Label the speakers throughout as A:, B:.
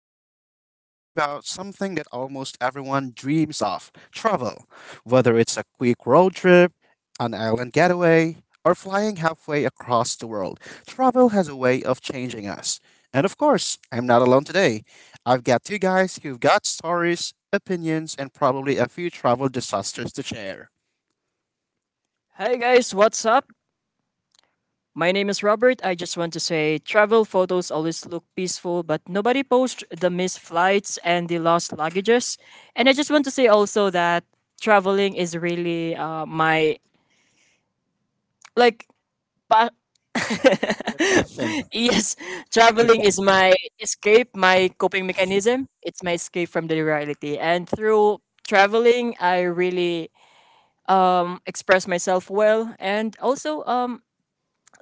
A: today we're talking about something that almost everyone dreams of travel. Whether it's a quick road trip, an island getaway, or flying halfway across the world, travel has a way of changing us. And of course, I'm not alone today. I've got two guys who've got stories, opinions, and probably a few travel disasters to share.
B: Hey guys, what's up? My name is Robert. I just want to say travel photos always look peaceful, but nobody posts the missed flights and the lost luggages. And I just want to say also that traveling is really my like pa-
A: The passion.
B: yes, traveling is my escape, my coping mechanism. It's my escape from the reality. And through traveling, I really express myself well and also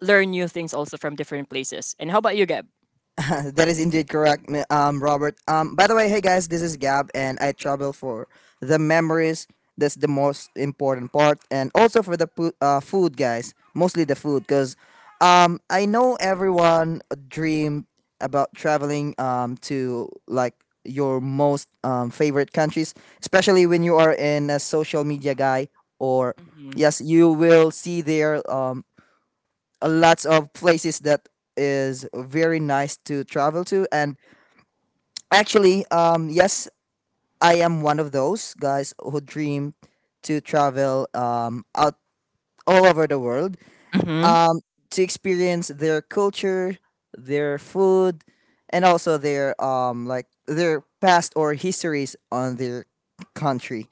B: learn new things also from different places. And how about you, Gab?
C: That is indeed correct, Robert. By the way, hey guys, this is Gab, and I travel for the memories. That's the most important part, and also for the food, guys. Mostly the food, because I know everyone dream about traveling to like your most favorite countries, especially when you are in a social media guy, or
B: Hmm.
C: yes, you will see their a lots of places that is very nice to travel to. And actually yes, I am one of those guys who dream to travel out all over the world
B: Hmm.
C: um to experience their culture, their food, and also their like their past or histories on their country.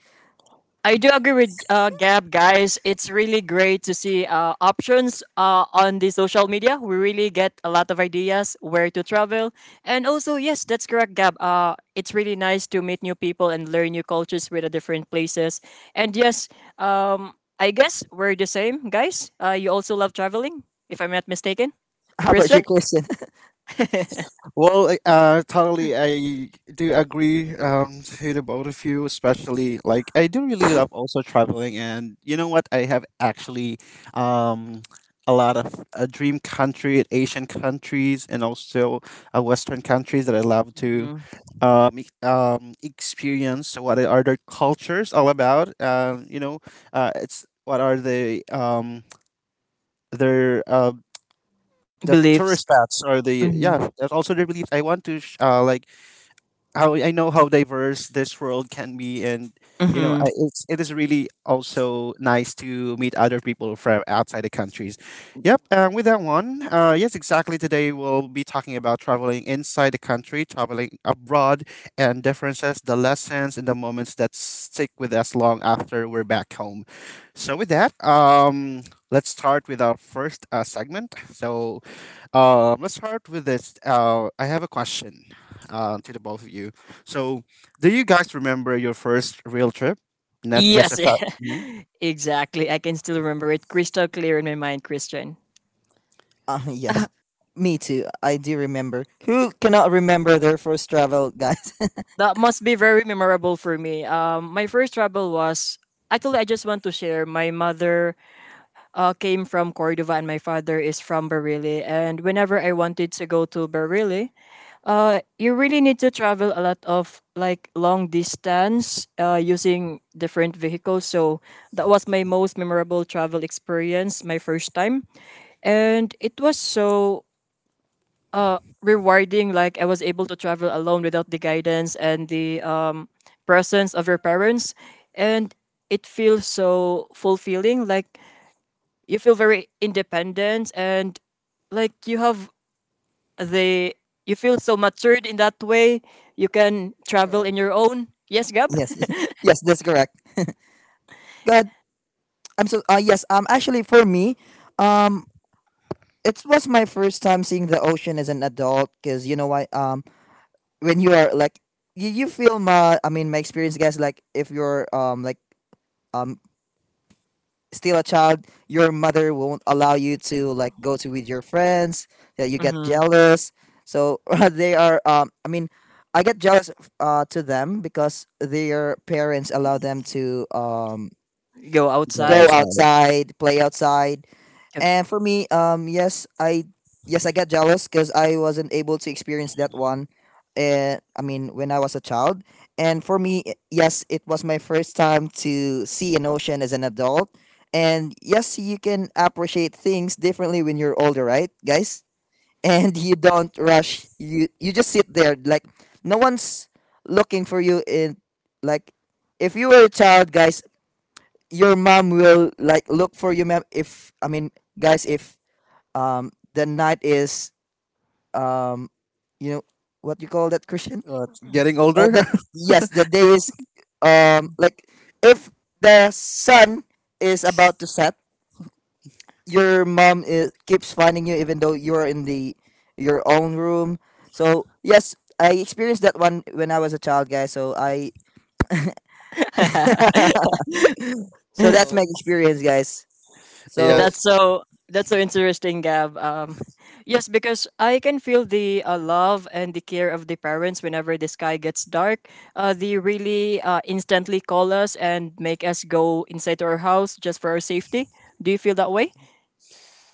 B: I do agree with Gab, guys. It's really great to see options on the social media. We really get a lot of ideas where to travel. And also, yes, that's correct, Gab. It's really nice to meet new people and learn new cultures with the different places. And yes, I guess we're the same, guys. You also love traveling, if I'm not mistaken.
C: How about
B: Christian?
C: you, Kristen?
A: Totally, I do agree to the both of you, especially like I do really love also traveling, and you know what? I have actually um, a lot of dream country, Asian countries, and also Western countries that I love to
B: Hmm.
A: experience. What are their cultures all about? It's what are their uh, the tourist
B: Beliefs.
A: spots or the yeah.
B: Hmm.
A: That's also their beliefs. I want to sh- like How I know how diverse this world can be, and you know,
B: Hmm.
A: it is really also nice to meet other people from outside the countries. Yep, and with that one, yes, exactly. Today we'll be talking about traveling inside the country, traveling abroad, and differences, the lessons, and the moments that stick with us long after we're back home. So with that, let's start with our first segment. Let's start with this. I have a question to the both of you. So, do you guys remember your first real trip? Not just a
B: Yes,
A: fa- Mhm.
B: exactly. I can still remember it crystal clear in my mind, Christian.
C: Yes, me too. I do remember. Who cannot remember their first travel, guys?
B: That must be very memorable for me. My first travel was actually I just want to share. My mother came from Cordova and my father is from Barili. And whenever I wanted to go to Barili, you really need to travel a lot of like long distance using different vehicles. So that was my most memorable travel experience, my first time, and it was so rewarding, like I was able to travel alone without the guidance and the presence of your parents. And it feels so fulfilling, like you feel very independent and like you have the you feel so matured in that way you can travel
C: Correct.
B: in your own. Yes, Gab.
C: Yes, yes, that's correct. God, I'm so. Yes, actually, for me, um, it was my first time seeing the ocean as an adult. Cause you know why? When you are like, you feel my. I mean, my experience, guys. Like, if you're like um, still a child, your mother won't allow you to like go to with your friends. Yeah, you get
B: Hmm.
C: jealous. So they are. I mean, I get jealous to them because their parents allow them to
B: Go
A: Get
C: go
B: outside.
A: outside.
C: outside, play outside. And for me, yes, I yes, I get jealous because I wasn't able to experience that one. I mean, when I was a child, and for me, yes, it was my first time to see an ocean as an adult. And yes, you can appreciate things differently when you're older, right, guys? And you don't rush. You just sit there like no one's looking for you in like if you were a child, guys, your mom will like look for you, ma'am. If i mean guys, if the night is um you know what you call that, Christian?
A: Getting
C: Oh,
A: older.
C: that, yes, the day is like if the sun is about to set, your mom is, keeps finding you even though you're in the your own room. So yes, I experienced that one when I was a child, guys,
B: Wow.
C: so that's my
A: Well,
C: experience, guys. So
B: That's
A: Yes,
B: so that's so interesting, Gab. Yes, because I can feel the love and the care of the parents whenever the sky gets dark. They really instantly call us and make us go inside our house just for our safety. Do you feel that way?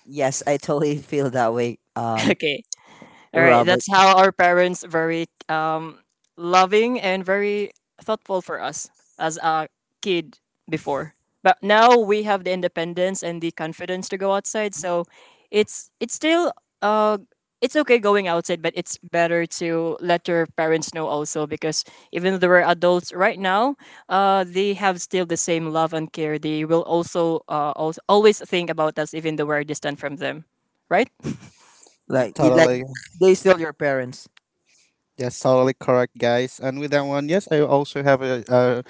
C: yes, I totally feel that way,
B: Okay. All right,
C: Robert.
B: that's how our parents very loving and very thoughtful for us as a kid before. But now we have the independence and the confidence to go outside, so it's still uh it's okay going outside, but it's better to let your parents know also because even though we're adults right now, they have still the same love and care. They will also always think about us even though we're distant from them, right?
C: Like you, like
A: totally.
C: they sell your parents.
A: Yes, totally correct, guys. And with that one, yes, I also have a a,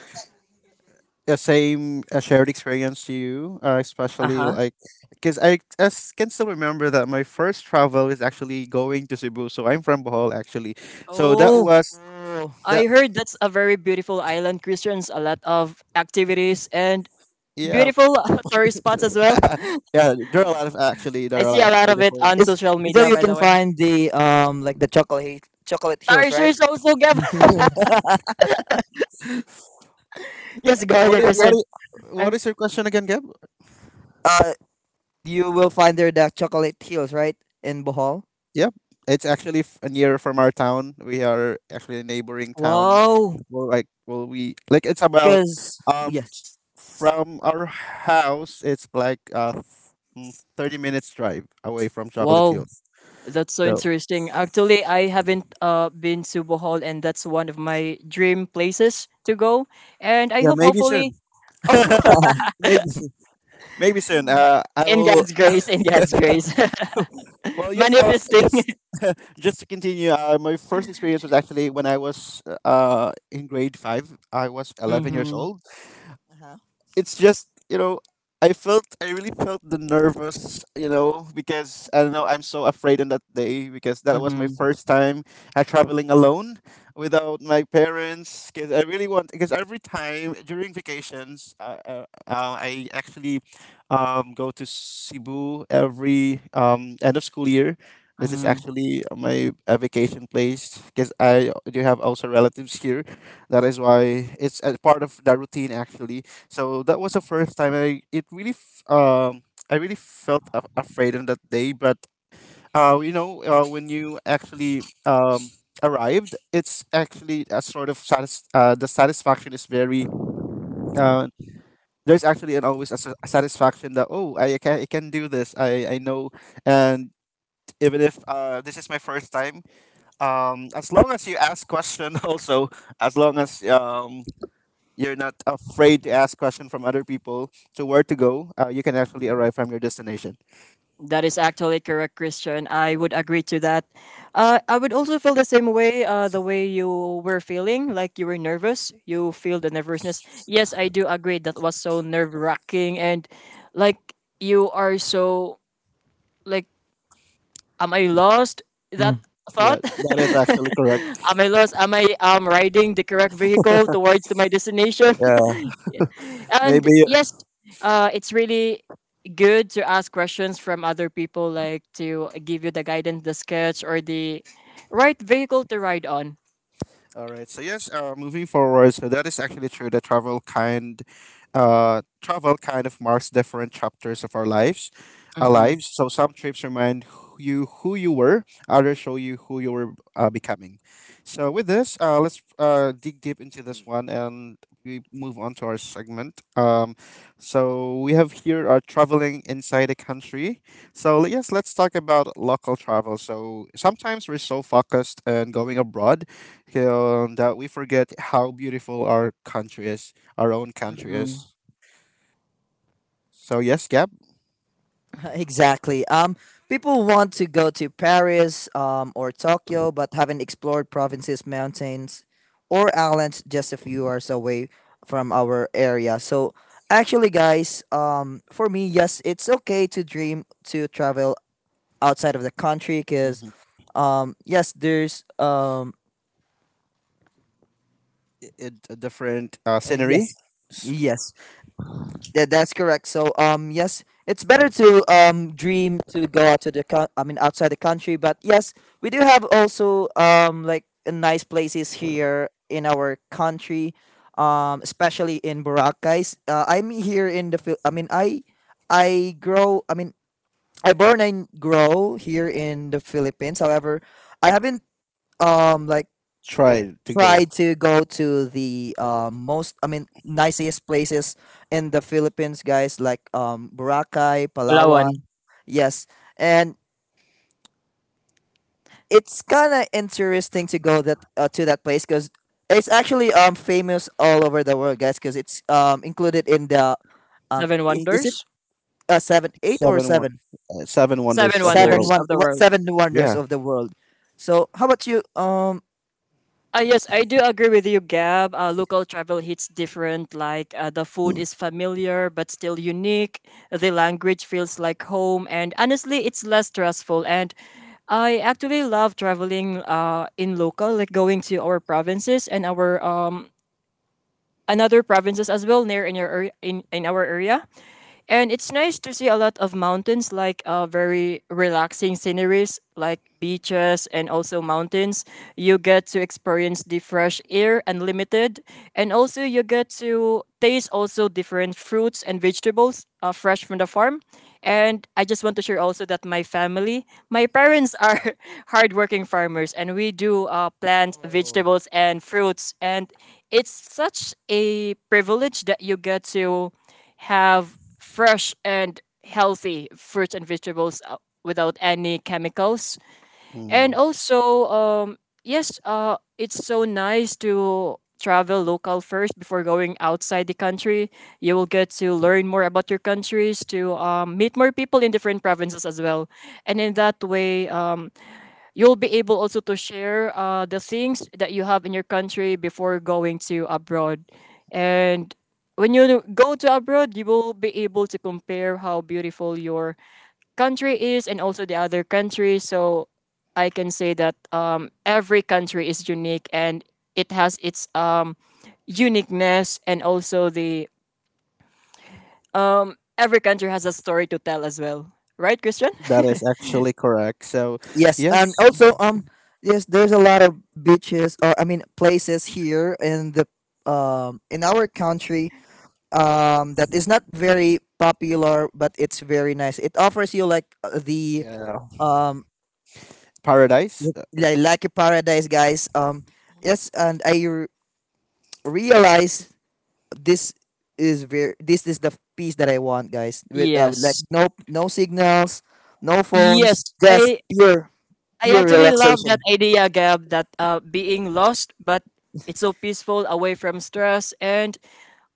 A: a same a shared experience to you,
B: Uh
A: especially
B: huh.
A: like because I can still remember that my first travel is actually going to Cebu. So I'm from Bohol, actually. So that
B: Oh.
A: was
C: Oh,
A: that.
B: I heard that's a very beautiful island, Christians, a lot of activities and
A: Yeah,
B: beautiful tourist spots as well.
A: yeah. There
B: I
A: are a
B: see
A: lot
B: a
A: of
B: lot of it
A: beautiful.
B: on
C: is
B: social
C: is there
B: media,
C: you
B: by
C: can
B: the way.
C: find the like the Chocolate Hills, right?
B: Tarsiers also give.
C: Is
B: Yes, go
C: it
B: ahead,
C: true, Kirk?
B: Christian.
A: What is your question again, Gab?
C: Uh, you will find there the Chocolate Hills, right, in Bohol.
A: Yep, it's actually near from our town. We are actually a neighboring town.
B: Wow,
A: Well, like, well, we like It's about
C: Cause
A: um
C: yes.
A: from our house. It's like mm, 30 minutes drive away from Chocolate
B: wow,
A: Hill.
B: that's so
A: So
B: interesting. Actually, I haven't been to Bohol, and that's one of my dream places to go. And I
A: yeah,
B: hope,
A: maybe
B: hopefully,
A: soon. Maybe soon. Maybe soon. I will.
B: In God's grace,
A: Well, yes.
B: manifesting.
A: Just just to continue. My first experience was actually when I was in grade 5. I was 11 years
B: Mm-hmm,
A: old,
C: Uh-huh.
A: it's just you know I felt, I really felt the nervous, you know, because I don't know, I'm so afraid on that day because that was my
B: mm-hmm,
A: first time traveling alone without my parents because I really want because every time during vacations, I actually go to Cebu every end of school year. This is
B: mm-hmm.
A: actually my vacation place because I do have also relatives here. That is why it's a part of the routine actually. So that was the first time I really felt afraid on that day. But when you actually arrived, it's actually a sort of the satisfaction is very uh, there's actually an always a satisfaction that, oh, I can, I can do this, I know. And even if this is my first time, as long as you ask question also, as long as you're not afraid to ask questions from other people to where to go. You can actually arrive from your destination.
B: That is actually correct, Christian. I would agree to that. I would also feel the same way, the way you were feeling, like you were nervous. You feel the nervousness. Yes, I do agree. That was so nerve wracking. And like you are so, like, am I lost? That
A: Yeah,
B: thought?
A: that is actually correct.
B: Am I lost? Am I riding the correct vehicle towards to my destination?
A: Yeah,
B: And
A: maybe.
B: yes, it's really good to ask questions from other people, like to give you the guidance, the sketch, or the right vehicle to ride on.
A: All right. So yes, moving forward. So that is actually true. The travel kind of marks different chapters of our lives, our
B: Mm-hmm.
A: lives. So some trips remind you who you were. Others show you who you were becoming. So with this, let's dig deep into this one, and we move on to our segment. So we have here our traveling inside the country. So yes, let's talk about local travel. So sometimes we're so focused on going abroad, that we forget how beautiful our own country is.
B: Mm-hmm.
A: So yes, Gab,
C: Exactly. People want to go to Paris or Tokyo, but haven't explored provinces, mountains, or islands just a few hours away from our area. So, actually, guys, for me, yes, it's okay to dream to travel outside of the country because,
A: Mhm.
C: yes, there's
A: It, a different scenery.
C: yes,
A: S-
C: yes, yeah, that's correct. So, yes, it's better to dream to go out to the I mean outside the country, but yes, we do have also like a nice places here in our country, especially in Boracay. I'm here in the I mean, I grow. I mean, I born and grow here in the Philippines. However, I haven't like
A: Try to
C: try
A: go
C: to go to the most, I mean, nicest places in the Philippines, guys, like Boracay,
B: Palawan.
C: Palawan. Yes, and it's kind of interesting to go that to that place because it's actually famous all over the world, guys, because it's included in the
B: Seven
C: is it
B: Wonders.
C: seven eight or
A: seven one,
C: seven
A: seven
B: Seven
A: wonders of the
C: seven
B: Wonders
A: world.
C: one
B: of the
C: what
B: World.
C: seven wonders
A: Yeah,
C: of the world. So how about you?
B: Yes, I do agree with you, Gab. Local travel hits different. Like the food is familiar but still unique. The language feels like home, and honestly, it's less stressful. And I actually love traveling in local, like going to our provinces and our another provinces as well near in your area, in our area. And it's nice to see a lot of mountains, like very relaxing sceneries, like beaches and also mountains. You get to experience the fresh air unlimited, and also you get to taste also different fruits and vegetables fresh from the farm. And I just want to share also that my family, my parents are hardworking farmers, and we do plant vegetables and fruits. And it's such a privilege that you get to have fresh and healthy fruits and vegetables without any chemicals. And
A: mm,
B: also, yes, it's so nice to travel local first before going outside the country. You will get to learn more about your countries, to meet more people in different provinces as well. And in that way, you'll be able also to share the things that you have in your country before going to abroad, and when you go to abroad you will be able to compare how beautiful your country is and also the other countries. So I can say that every country is unique and it has its uniqueness and also the every country has a story to tell as well, right, Christian?
A: that is actually correct. So
C: Yes, and
A: yes,
C: also yes, there's a lot of beaches or I mean places here in the in our country that is not very popular, but it's very nice. It offers you like the
A: yeah,
C: um
A: paradise.
C: like a paradise, guys. Yes, and realize this is very this is the piece that I want, guys. With like
B: Yes.
C: no signals, no
B: Yes.
C: phones, just
B: I
C: pure
B: I
C: pure
B: actually love that
C: relaxation.
B: idea, Gab, that being lost, but it's so peaceful away from stress. And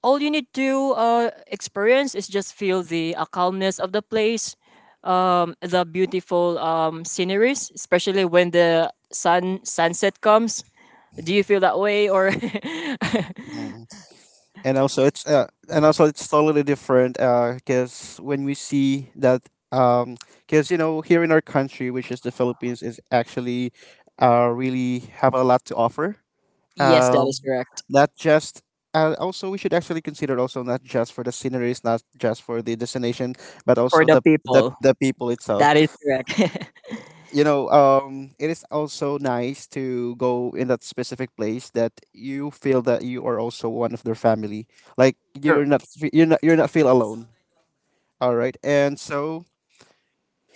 B: all you need to experience is just feel the calmness of the place, the beautiful sceneries, especially when the sun sunset comes. Do you feel that way? Or
A: Mm. And also it's totally different because when we see that um, because you know here in our country, which is the Philippines, is actually really have a lot to offer,
B: yes, that
A: um,
B: is correct.
A: not just also we should actually consider also not just for the sceneries, not just for the destination, but
B: For
A: also
B: the people,
A: the people
B: that is
A: itself.
B: correct.
A: You know, it is also nice to go in that specific place that you feel that you are also one of their family. Like you're not, you're not feel alone. All right, and so,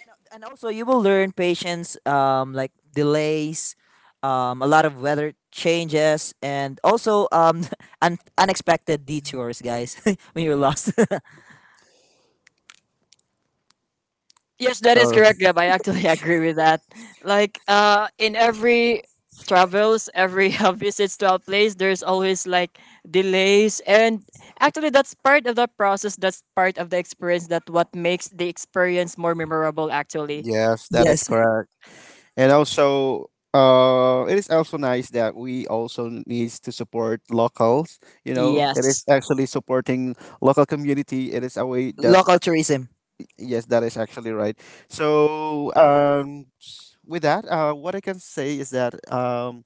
C: No, and also you will learn patience, like delays, a lot of weather changes, and also unexpected detours, guys, when you're lost.
B: Yes, that is
A: uh,
B: correct, Gab. I actually agree with that. Like, in every travels, every visits to a place, there's always like delays, and actually, that's part of the process. That's part of the experience. That what makes the experience more memorable. Actually,
A: yes, that is
C: Yes,
A: correct. And also, it is also nice that we also needs to support locals. You know, it
B: yes,
A: is actually supporting local community. It is a way that,
C: local tourism.
A: yes, that is actually right. So, with that, what I can say is that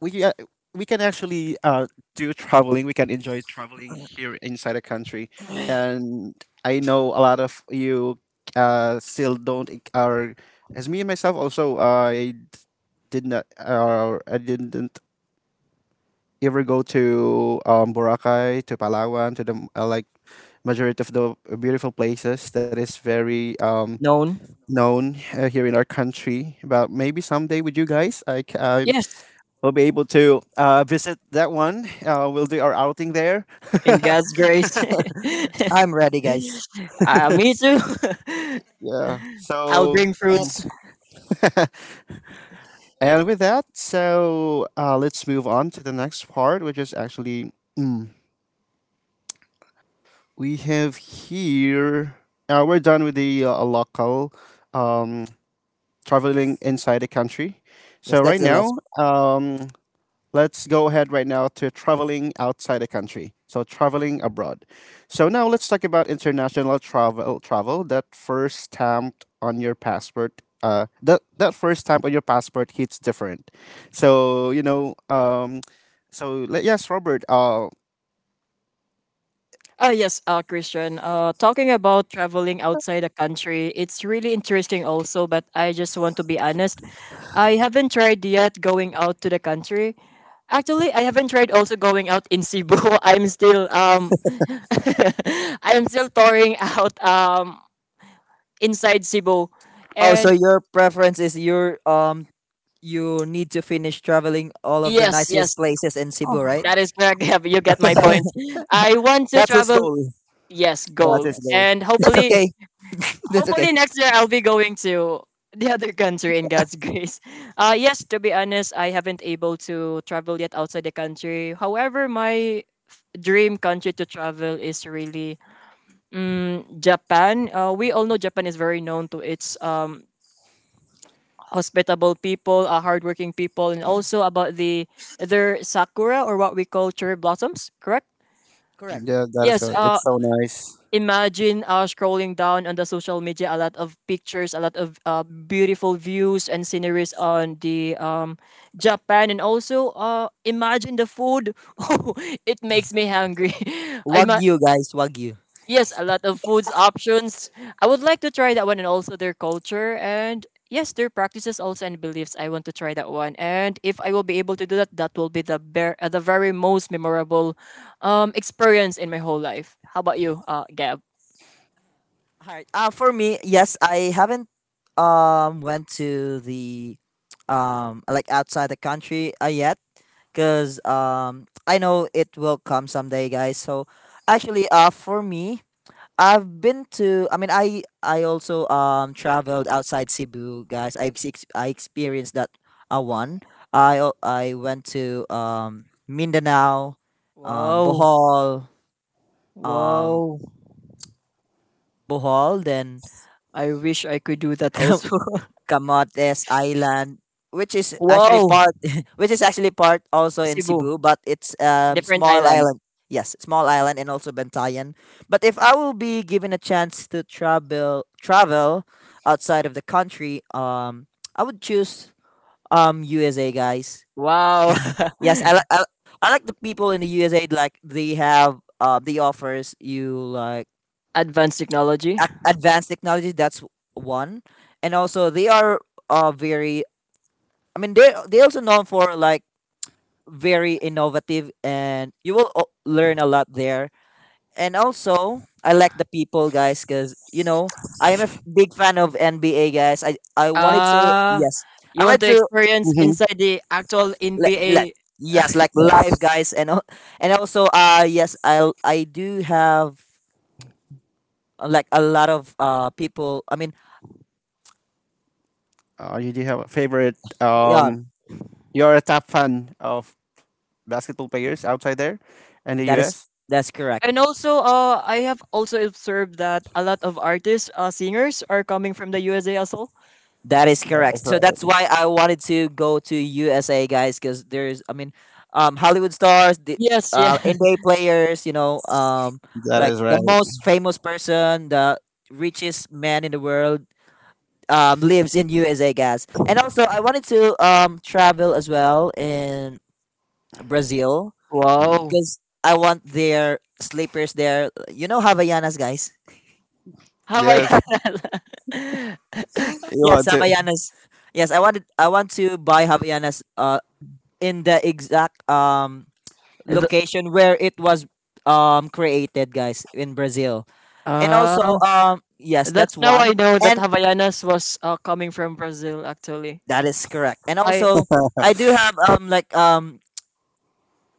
A: we uh, we can actually do traveling. We can enjoy traveling here inside the country, and I know a lot of you still don't e- are as me and myself also. Did not, or I didn't ever go to Boracay, to Palawan, to the majority of the beautiful places that is very
B: known.
A: known here in our country. But maybe someday with you guys, I
B: Yes,
A: will be able to visit that one. We'll do our outing there.
B: in God's grace.
C: I'm ready, guys.
B: Uh, me too.
A: Yeah.
B: I'll
A: So,
B: bring
C: And
B: fruits.
A: and with that, so let's move on to the next part, which is actually mm, we have here. We're done with the local um, traveling
C: yes.
A: inside the country.
C: Yes,
A: So
C: that's
A: right
C: the last.
A: now, let's go ahead right now to traveling outside the country. So traveling abroad. So now let's talk about international travel, travel that first stamped on your passport. That first stamp on your passport hits different. So you know, yes, Robert.
B: Ah yes, Christian. Talking about traveling outside the country, it's really interesting also. But I just want to be honest, I haven't tried yet going out to the country. Actually, I haven't tried also going out in Cebu. I'm still I'm still touring out inside Cebu,
C: Oh, so
B: and
C: your preference is your you need to finish traveling all of the
B: yes,
C: nicest
B: yes,
C: places in Cebu, right?
B: that is correct. You get my point. I want to
A: That's his
B: travel.
A: goal.
B: Yes,
A: That
B: goal,
A: is
C: Yes.
A: goal.
B: and
C: That's
B: hopefully
C: okay. That's okay.
B: hopefully next year I'll be going to the other country in God's grace. Yes, to be honest, I haven't able to travel yet outside the country. However, my dream country to travel is really mm, Japan. We all know Japan is very known to its hospitable people, hardworking people, and also about the their sakura or what we call cherry blossoms, correct?
C: Correct.
A: Yeah, that is
B: Yes,
A: goal. It's so nice.
B: imagine scrolling down on the social media a lot of pictures a lot of beautiful views and sceneries on the Japan and also imagine the food. Oh, it makes me hungry. I ma-
C: Wagyu, guys. Wagyu.
B: yes, a lot of foods options. I would like to try that one and also their culture and yes their practices also and beliefs. I want to try that one, and if I will be able to do that, that will be the the very most memorable experience in my whole life. How about you, Gab?
C: Hi. For me, yes, I haven't went to the like outside the country yet because I know it will come someday, guys. So actually, for me, I've been to. I mean, I also traveled outside Cebu, guys. I experienced that one. I went to Mindanao,
B: Wow.
C: Bohol, um
B: Wow.
C: Then
B: I wish I could do that also.
C: Camotes Island, which is actually
B: Wow.
C: part, which is actually part also in
B: Cebu,
C: Cebu, but it's
B: different
C: small
B: island.
C: island. Yes, small island and also Bantayan. But if I will be given a chance to travel outside of the country, I would choose USA, guys.
B: Wow.
C: Yes, I like the people in the USA. Like they have they offers you like
B: Advanced technology.
C: advanced technology. That's one, and also they are very I mean, they also known for like very innovative, and you will learn a lot there. And also, I like the people, guys, because you know I am a big fan of NBA, guys. I wanted to
B: Uh,
C: yes,
B: you
C: I
B: want
C: wanted
B: to
C: to
B: experience
A: Mm-hmm.
B: inside the actual
C: like
B: NBA?
C: yes, like live, guys, and and also yes, I do have like a lot of people. I mean,
A: You do have a favorite?
C: yeah,
A: Um, you're a top fan of basketball players outside there, in the
C: that is
A: U.S.
C: that's correct.
B: And also I have also observed that a lot of artists, singers are coming from the USA as well.
C: That is
A: Yeah, that's
C: correct. So that's
A: right.
C: why I wanted to go to USA, guys, because there's, I mean, Hollywood stars, the
B: Yes, yeah.
C: NBA players, you know,
A: That
C: like
A: is
C: the
A: right.
C: most famous person, the richest man in the world, lives in USA, guys. And also, I wanted to travel as well in Brazil
A: Mm.
B: Wow.
C: because I want their sleepers there. You know, Havaianas, guys.
B: How about
A: Yes, you
C: Yes,
A: want to?
C: Havaianas. Yes, I wanted. I want to buy Havaianas. In the exact
B: Th-
C: location where it was created, guys, in Brazil. And also,
B: Ah.
C: yes,
B: That's
C: that's
B: now I
C: one,
B: know that
C: and
B: Havaianas was coming from Brazil actually.
C: that is correct. And
B: I
C: also, I do have like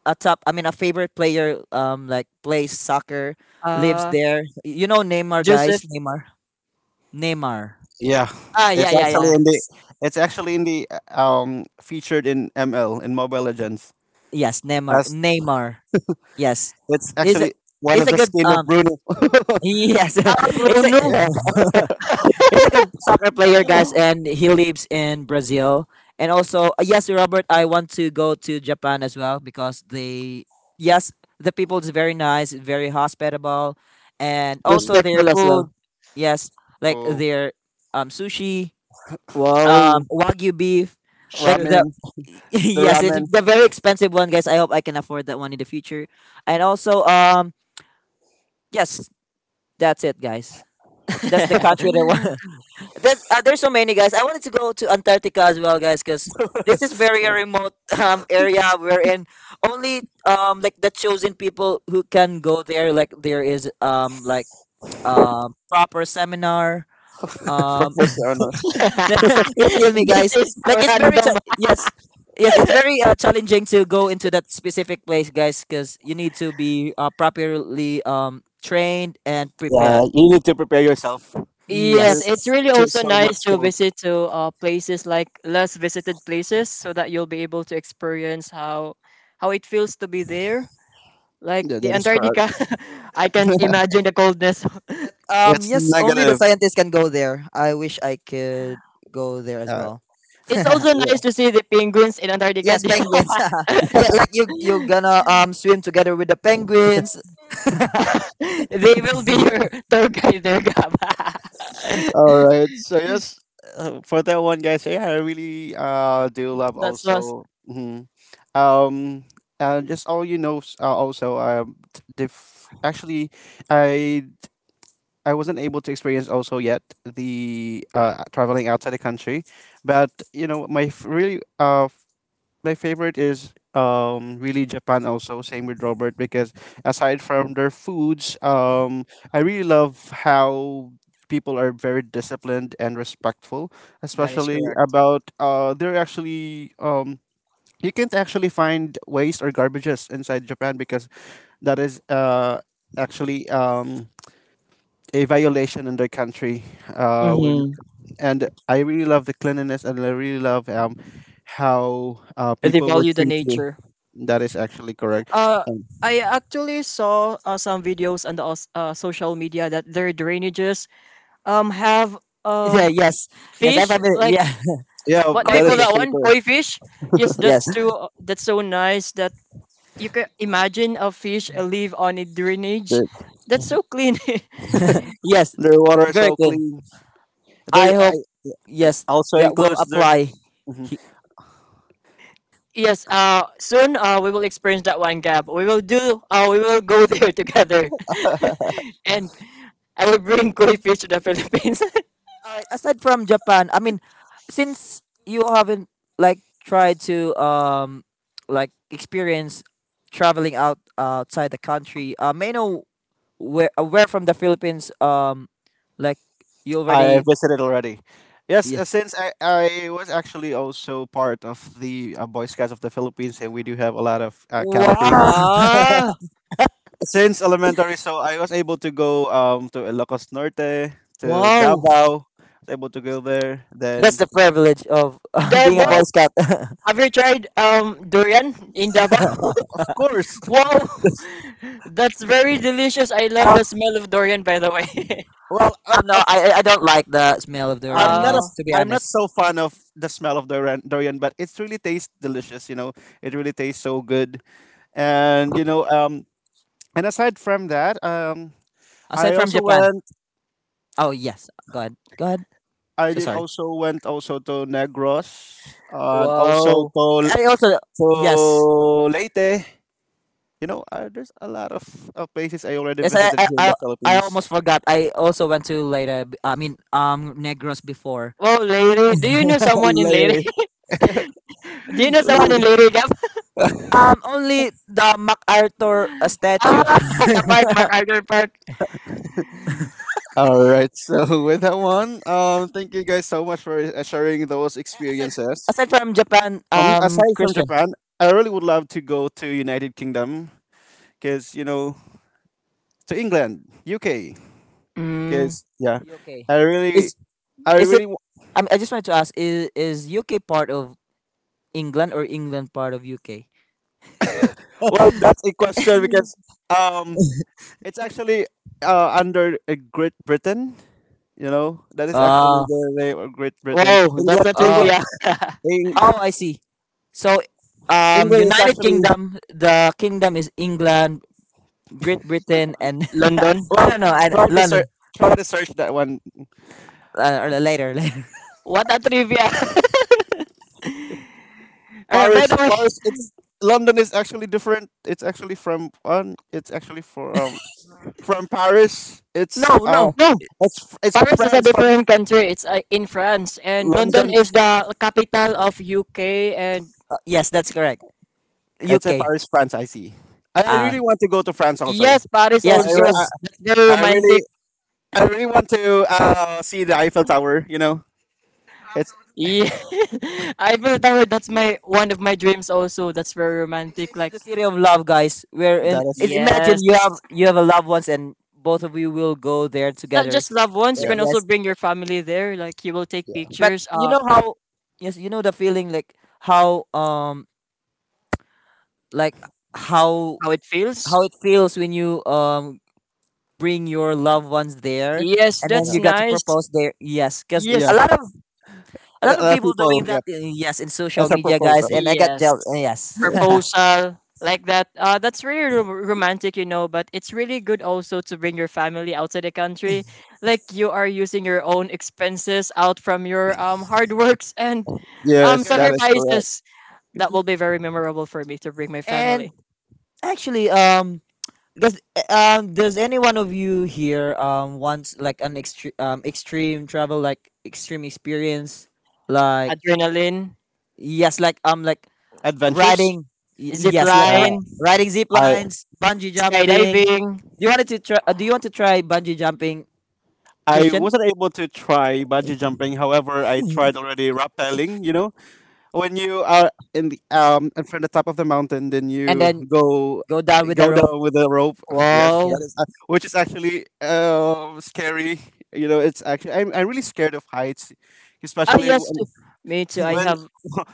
C: a top, I mean a favorite player like plays soccer, lives
B: uh
C: there. You know Neymar, guys,
B: Joseph
C: Neymar, Neymar.
A: Yeah,
B: ah, yeah,
A: it's
B: yeah,
A: actually
B: yeah.
A: in the it's actually in the featured in ML in Mobile Legends.
C: Yes, Neymar,
A: As
C: Neymar. Yes,
A: it's
C: is a-
A: actually one
C: is
A: of
C: a
A: the
C: good
A: skin of Bruno.
C: yes,
B: Ah,
C: he's a
B: Bruno.
A: Yeah.
C: he's a good soccer player, guys, and he lives in Brazil. And also, yes, Robert, I want to go to Japan as well because they, yes, the people is very nice, very hospitable, and
A: Mm,
C: also their
B: Respectful as
C: food,
B: well.
C: yes, like
A: Cool.
C: their sushi,
B: Wow.
C: wagyu beef, like
B: Sure.
C: the.
A: Ramen, the
C: Yes, it's
A: ramen
C: the very expensive one, guys. I hope I can afford that one in the future. And also, yes, that's it, guys. That's the country that want. That's there's so many, guys. I wanted to go to Antarctica as well, guys, because this is very a remote area wherein only like the chosen people who can go there. Like there is like proper seminar. Um,
A: professional.
C: you feel me,
B: This
C: guys?
B: is
C: Like
B: for
C: it's very
B: random.
C: yes. Yes, it's very challenging to go into that specific place, guys, because you need to be properly trained and
A: Yeah,
C: prepared.
A: you need to prepare yourself.
B: Yes,
C: Yes.
B: it's
A: It's
B: really
A: just
B: also
A: so
B: nice
A: much
B: to
A: cold.
B: visit to places like less visited places so that you'll be able to experience how it feels to be there. Like
A: Yeah,
B: the
A: that is
B: Antarctica, I can't
A: correct.
B: imagine the coldness.
A: It's
C: Yes, only the
A: negative.
C: scientists can go there. I wish I could go there as
A: Uh,
C: well.
B: It's also nice
A: yeah.
B: to see the penguins in Antarctica.
C: Yes, penguins. Yeah, like you're gonna swim together with the penguins.
B: They will be your tour guide there, Gab.
A: All right. So yes, for that one, guys. Yeah, I really do love
B: That's us.
A: also. Mhm, um just all, you know, actually i I wasn't able to experience also yet the traveling outside the country, but you know my favorite is really Japan also, same with Robert, because aside from their foods I really love how people are very disciplined and respectful,
B: That is
A: especially
B: correct.
A: about they're actually you can't actually find waste or garbages inside Japan because that is actually a violation in their country. Uh, when,
B: Hmm.
A: and I really love the cleanliness, and I really love how
B: They
A: people will
B: value the
A: treat you.
B: nature.
A: That is actually correct.
B: Uh,
A: And
B: I actually saw some videos on the social media that their drainages have
C: Yeah,
B: um
C: yes. Yes, I've
B: fish
C: ever,
B: like
C: yeah.
A: yeah,
B: what do
C: Koi
B: we
A: that
B: call
A: is
B: that
C: fish.
A: actually
B: one?
A: correct.
B: Koi fish. Yes, that's
C: Yes.
B: too. Uh, that's so nice that you can imagine a fish live on a drainage.
A: The,
B: That's so clean.
C: Yes.
A: their water is
C: Very
A: so
C: clean.
A: clean. Their,
C: I
A: I,
C: hope, yes,
A: Also
C: that will
A: includes their.
C: apply.
A: Mm-hmm.
B: Yes, soon we will experience that one, Gab. We will do. We will go there together, and I will bring koi fish to the Philippines.
C: Alright, aside from Japan, I mean since you haven't like tried to like experience traveling out outside the country, may I know where from the Philippines like you
A: I
C: already
A: visited already. Yes,
C: yes
A: since I was actually also part of the Boy Scouts of the Philippines, and we do have a lot of
C: wow
A: campings
B: Ah,
A: since elementary. So I was able to go to Ilocos Norte, to
B: wow.
A: Davao. Was able to go there.
C: that's
A: Then
C: the privilege of being a
A: yeah,
C: boy
B: Davao,
C: scout I'm
B: have you tried durian in Davao?
A: of course.
B: Wow, that's very delicious. I love
A: Uh,
B: the smell of durian, by the way.
A: well, uh, uh,
C: not I I don't like the smell of durian,
A: I'm not a
C: guys,
B: Ah,
C: to be
A: I'm not
C: honest.
A: so fan of the smell of durian, but it's really tastes delicious. You know, it really tastes so good. And you know, and aside from that,
C: Aside
A: I
C: from
A: also
C: Japan,
A: went.
C: oh yes, go ahead, go ahead.
A: I
C: So
A: did
C: sorry.
A: also went also to Negros and also
B: wow.
C: I also,
A: to
C: yes,
A: Leyte. You know, there's of places I already
C: yes. I
A: visited
C: I,
A: here in
C: I
A: the
C: I almost
A: Philippines.
C: forgot. I also went to later. I mean, Negros before.
B: Wow, lady, do you know someone in Lady?
A: Leyte.
B: Do you know someone
C: No,
B: in Lady Gab?
C: only the MacArthur statue.
B: Ah, the park, MacArthur Park.
A: All right. So with that one, thank you guys so much for sharing those
C: A- Aside,
A: experiences.
C: aside from Japan,
A: Aside from
C: Christian.
A: Japan, I really would love to go to United Kingdom because you know to England, UK.
B: Mm.
A: Because yeah,
C: UK.
A: I really
C: Is
A: I
C: is it?
A: really
C: I mean, I just wanted to ask: is UK part of England or England part of UK?
A: Well, that's a question because um, it's actually under Great Britain. You know, that is actually
C: Uh,
A: the name of Great Britain.
B: Wow, that's a
C: oh,
B: trivia.
A: Eng-
C: oh, I see. So,
A: England is
C: United
A: actually
C: Kingdom, the kingdom is England, Great Britain, and
B: London.
C: I
A: well.
C: don't know, and
A: Try to search,
C: London.
A: try to search that one.
C: Or later, later.
B: What a trivia. Alright, by
A: Paris,
B: the way,
A: Paris. It's London is actually different. It's actually from one. It's actually from Paris. It's
C: No, no.
B: no,
A: it's a
B: Paris is a
A: France from
B: different country. It's in France, and London
A: London.
B: is the capital of UK. And
C: Yes, that's correct.
A: It's a
C: UK.
A: Paris, France. I see. I
C: Uh,
A: really want to go to France also.
B: yes, Paris
C: yes,
B: also.
A: I,
C: because
B: That's very
A: I really,
B: romantic.
A: I really want to see the Eiffel Tower. You know, it's
B: Yeah, I feel that way. That's my one of my dreams also. That's very romantic.
C: it's
B: Like,
C: the city of love, guys.
A: that is
C: Imagine
B: yes,
C: you have a loved ones, and both of you will go there
B: not
C: together.
B: just loved ones. You
A: Yeah,
B: can also
C: Yes,
B: bring your family there. Like you will take
A: yeah,
C: but
B: pictures.
C: you know how, yes, you know the feeling how um like how
B: How it feels.
C: how it feels when you bring your loved ones there,
B: Yes,
C: and then
B: that's
A: yeah,
C: you got to
B: nice.
C: propose there. Yes, because
B: Yes,
A: yeah.
C: a lot of
A: A lot of
C: people
A: people,
C: doing
A: yeah,
C: that, yes, in social
A: that's a
C: media, guys,
A: proposal.
C: and I got
B: yes.
C: jealous, yes.
B: Proposal like that. That's really romantic, but it's really good also to bring your family outside the country. Like you are using your own expenses out from your hard works and
C: That's
A: Yes, that
C: correct.
A: is correct.
B: sacrifices. That will be very memorable for me to bring my
C: And
B: family.
C: actually, does any one of you here wants like an extreme, extreme travel, like extreme experience, like,
B: Adrenaline,
C: yes, like,
A: Adventures.
C: riding,
B: zip
A: Uh,
B: line,
C: riding zip
A: I
C: lines, bungee jumping.
B: skydiving.
C: Do you want to try bungee jumping,
A: I
C: Christian?
A: wasn't able to try bungee jumping. However, I tried already rappelling. You know, when you are in the and from the top of the mountain, then
C: And
A: you
C: then
A: go
C: go down with the
A: go
C: rope.
A: down with a rope. Yes,
C: Yeah,
A: that
B: Wow.
A: is which is actually scary. You know, it's actually I'm really scared of heights,
B: Ah,
A: especially
B: yes. Too. Me too. I
A: when
B: have.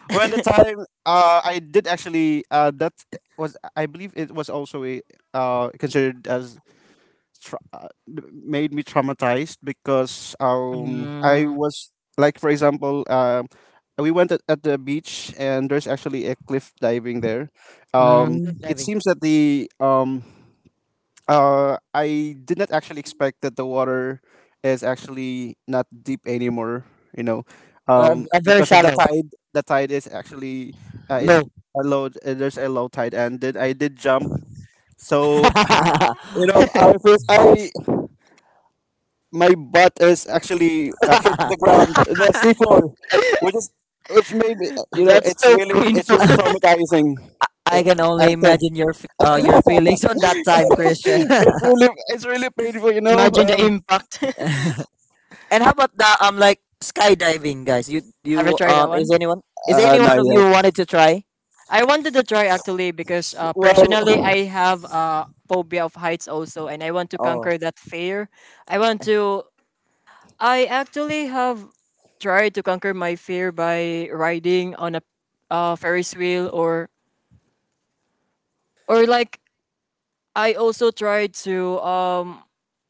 A: when the time, I did actually, that was, I believe it was also a, considered as, tra- uh, made me traumatized because I
B: Mm,
A: was, like for example, we went at the beach, and there's actually a cliff diving there. Um
C: cliff
B: mm.
A: it
C: diving.
A: seems that the, I did not actually expect that the water is actually not deep anymore, you know.
C: Very
A: Because of the
C: shallow,
A: tide, the tide is actually, it's
C: low.
A: a low, there's a low tide, and then I did jump. So
C: I
A: you know, I first I my butt is actually, hit the ground, the seafloor, which is, which made me,
B: That's so
A: it's
B: painful.
A: really traumatizing. It,
C: can
A: I
C: only
A: can,
C: imagine your your feelings on that time, Christian.
A: it's really painful.
B: Imagine the impact.
C: And how about the like skydiving, guys? you
B: Have you
C: you
B: tried that
C: is
B: one?
C: anyone Is
A: Not
C: anyone of you
A: yet.
C: wanted to try?
B: I wanted to try actually because
A: Well,
B: personally I have a phobia of heights also, and I want to
C: Oh,
B: conquer that fear. I want to. I actually have tried to conquer my fear by riding on a Ferris wheel, or like I also tried to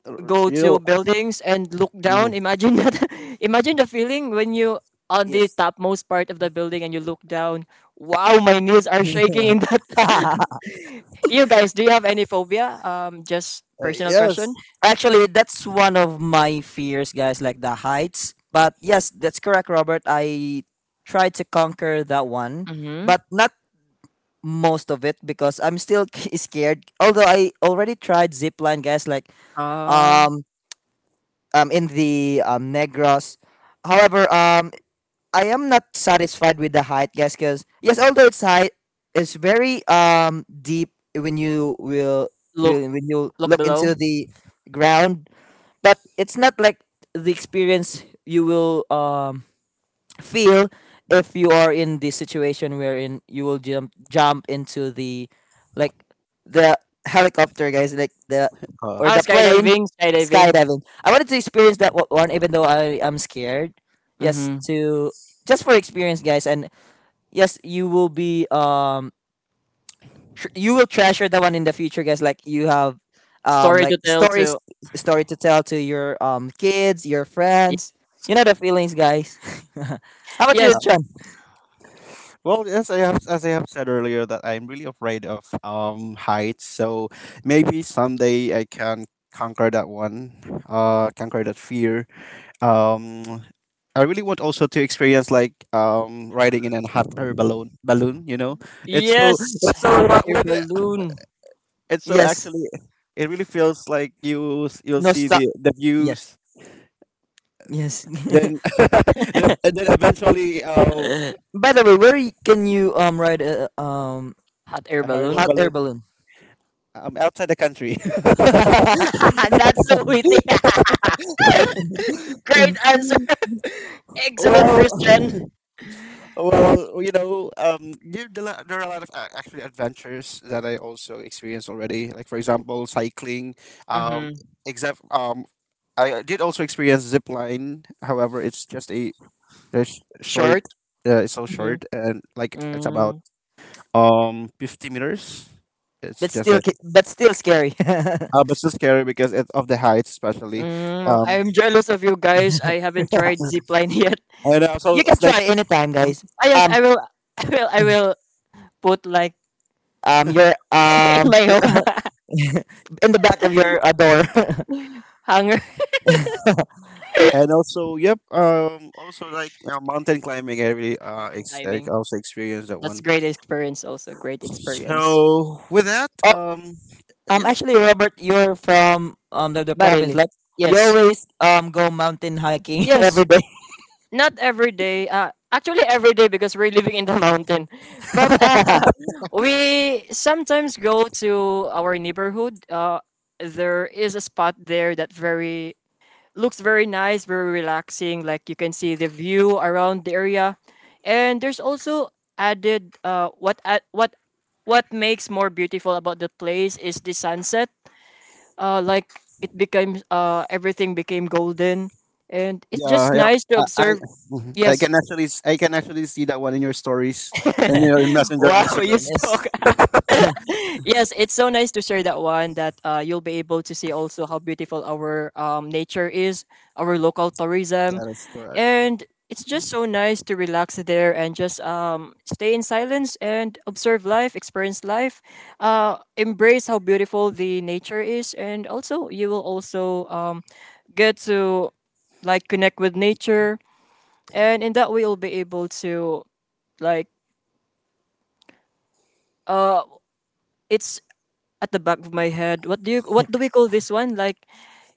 B: go
A: you know,
B: to buildings and look down.
A: mm,
B: Imagine that. Imagine the feeling when you on the
C: yes.
B: topmost part of the building and you look down. Wow, my knees are shaking in that. You guys, do you have any phobia? Just personal question.
A: yes.
C: Actually, that's one of my fears, guys, like the heights. But yes, that's correct, Robert. I tried to conquer that one,
B: Mm-hmm.
C: but not most of it because I'm still scared. Although I already tried zipline, guys, like
B: Uh,
C: um in the Negros. However, I am not satisfied with the height, guys, because yes, although it's high, it's very deep when you
B: look,
C: will when you
B: look
C: look
B: below.
C: into the ground. But it's not like the experience you will feel if you are in the situation wherein you will jump into the like the helicopter, guys, like the,
A: Uh,
C: or
B: Ah,
C: the plane.
B: skydiving, skydiving.
C: Skydiving, I wanted to experience that one, even though I am scared. Yes,
B: Mm-hmm.
C: to just for experience, guys. And yes, you will be you will treasure that one in the future, guys, like you have
B: Story
C: like
B: to tell
C: stories,
B: to.
C: story to tell to your kids, your friends. You know the feelings, guys. How about you,
B: Yes,
A: uh,
C: Chen?
A: well, yes, I have, as I have said earlier, that I'm really afraid of heights. So maybe someday I can conquer that one, conquer that fear. um I really want also to experience, like, riding in an hot air balloon balloon, you know. It's so,
B: yes.
A: it's so,
B: Hot air balloon.
A: it's so
C: Yes,
A: actually, it really feels like you you'll
C: no,
A: see
C: stop.
A: the
C: Yes,
A: views,
C: yes.
A: then then- and then eventually,
C: By the way, where can you ride a
B: Hot air
A: a hot air
C: hot
B: balloon.
C: air
A: balloon
C: balloon?
A: outside the country.
B: That's so witty. Great
A: Oh.
B: answer. Excellent, Christian.
A: Well, well, you know, there, there are, there are a lot of, actually adventures that I also experienced already. Like for example, cycling. Um,
B: Mm-hmm.
A: except, I did also experience zip line. However, it's just a short,
B: Short.
A: it's so
B: Mm-hmm.
A: short, and like it's about
B: Mm.
A: 50 meters. It's just like,
C: But still scary.
A: but so scary because it's of the height, especially. Um,
B: I'm jealous of you guys. I haven't tried zipline yet.
A: and also
C: You can
A: it's like,
C: try anytime, guys.
B: Ah, yes,
C: Um
B: I will. I will. I will put like
C: your
B: in my home.
C: In the back of your door.
B: Hunger.
A: and also yep. Also like, mountain climbing. I really,
B: Ah, mountain
A: I
B: climbing.
A: also experienced that
B: That's
A: one.
B: great experience also. Great experience.
A: So with that,
C: Oh.
A: yeah.
C: Actually, Robert, you're from the province.
B: Barili.
C: Like you
B: Yes.
C: always go mountain hiking every
B: Yes.
C: day.
B: Not every day. Actually every day because we're living in the mountain. But we sometimes go to our neighborhood. There is a spot there that very looks very nice, very relaxing. Like you can see the view around the area, and there's also added what at what makes more beautiful about the place is the sunset. Like it became Everything became golden, and it's
A: Yeah,
B: just
A: yeah.
B: nice to
A: I, I,
B: observe.
A: mhm. I
B: Yes.
A: can actually, I can actually see that one in your stories, and you know, in Messenger and
B: Wow, you
A: Instagram.
C: Yes.
B: talk. Yes, it's so nice to share that one that you'll be able to see also how beautiful our nature is, our local
A: Yeah,
B: tourism.
A: that is correct.
B: And it's just so nice to relax there and just stay in silence and observe life, experience life, embrace how beautiful the nature is. And also, you will also get to like connect with nature. And in that way, you'll be able to like, uh, it's at the back of my head. What do we call this one? Like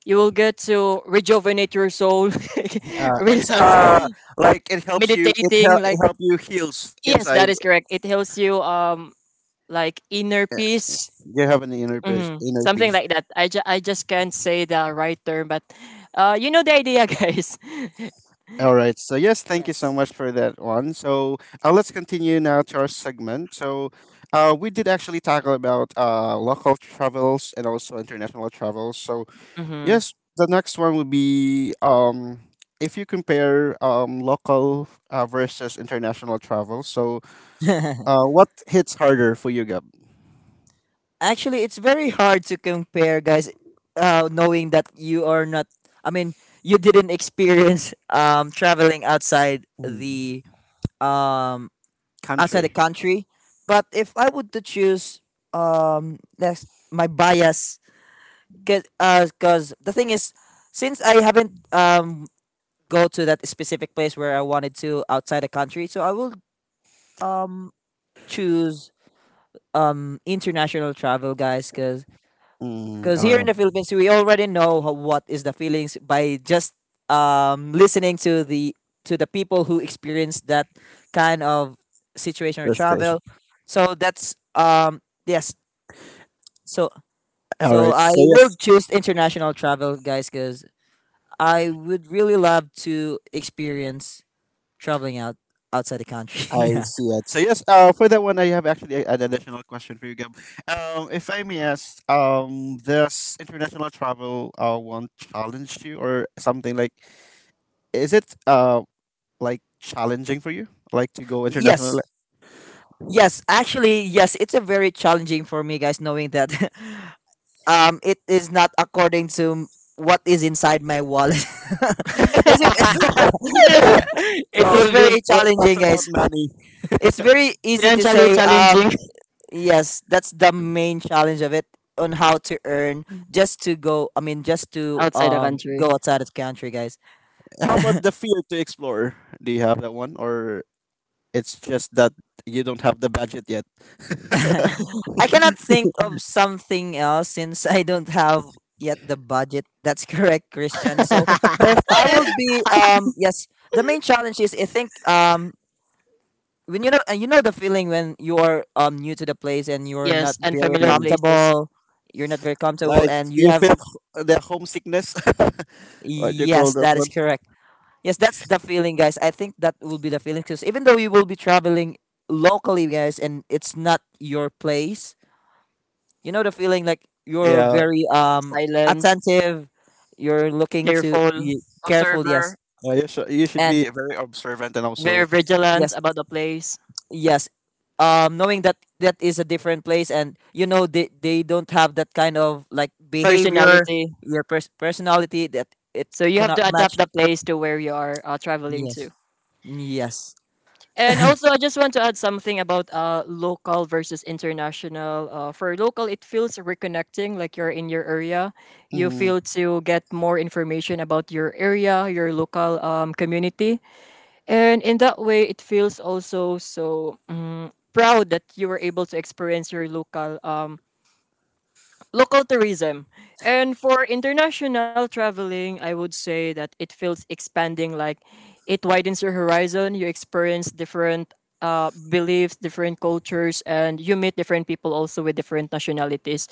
B: you will get to rejuvenate your soul,
A: It's,
B: relax,
A: like it helps you.
B: meditating.
A: It
B: Like,
A: help you, heals
B: yes,
A: inside.
B: that is correct. It helps you like inner
A: Uh,
B: peace.
A: You have an inner peace.
B: Hmm.
A: Inner
B: Something
A: peace.
B: like that. I just can't say the right term, but you know the idea, guys.
A: All right. So yes, thank you so
C: Yes.
A: much for that one. So, let's continue now to our segment. So, we did actually talk about, local travels and also international travels. So
B: Hmm.
A: yes, the next one would be, if you compare, local, versus international travel. So, what hits harder for you, Gab?
C: Actually, it's very hard to compare, guys. Knowing that you are not, I mean, you didn't experience traveling
A: Mm,
C: um outside the
A: country.
C: country. But if I would to choose, that's my bias, cause the thing is, since I haven't go to that specific place where I wanted to outside the country. So I will um choose international travel, guys, because
A: Mm,
C: cause
A: all
C: here
A: right,
C: in the Philippines we already know how, what is the feelings by just listening to the people who experience that kind of situation or
A: destination.
C: travel. So that's yes. So
A: All
C: so
A: right,
C: I
A: so
C: will
A: yes,
C: choose international travel, guys, because I would really love to experience traveling outside the
A: I
C: country.
A: see it. So yes, for that one, I have actually an additional question for you, Gab. If I may ask, does international travel, one challenge you or something like? Is it, like challenging for you, like to go international?
C: Yes. Yes, actually, yes, it's a very challenging for me, guys, knowing that it is not according to what is inside my wallet. it's, a-
B: It
C: it's
B: will
A: Well,
B: be
C: very
A: well, that's
C: challenging,
A: about
C: guys.
A: money.
C: It's very easy to
B: financially
C: say,
B: challenging
C: yes, that's the main challenge of it, on how to earn just to go, I mean, just to
B: outside the
C: go
B: country.
C: outside of the country, guys.
A: How about the fear to explore? Do you have that one, or it's just that you don't have the budget yet?
C: I cannot think of something else since I don't have yet the budget. That's correct, Christian. So if I will be yes, the main challenge is I think when you know, and you know the feeling when you're new to the place and you're not
B: Yes, and
C: very
B: familiar
A: Mm.
B: places,
C: comfortable, you're not very comfortable
A: Like,
C: and you
A: you
C: have,
A: feel the homesickness, what you call
C: yes,
A: that
C: that is
A: one?
C: correct. Yes, that's the feeling, guys. I think that will be the feeling because even though you will be traveling locally, guys, and it's not your place, you know the feeling like you're
A: Yeah,
C: very
B: silent.
C: attentive, you're looking to
B: Careful,
C: careful,
B: observer,
C: yes.
A: you should
C: And
A: be very observant and
B: very
A: also.
B: vigilant
C: yes,
B: about the place,
C: yes. Knowing that that is a different place, and you know they don't have that kind of like behavior,
B: personality.
C: your personality that it
B: So you have
C: cannot
B: to
C: match.
B: adapt the place to where you are traveling to.
C: Yes. Yes.
B: And also, I just want to add something about local versus international. For local, it feels reconnecting, like you're in your area. You
A: Mhm.
B: feel to get more information about your area, your local community. And in that way, it feels also so proud that you were able to experience your local tourism. And for international traveling, I would say that it feels expanding, like it widens your horizon. You experience different beliefs, different cultures, and you meet different people also with different nationalities.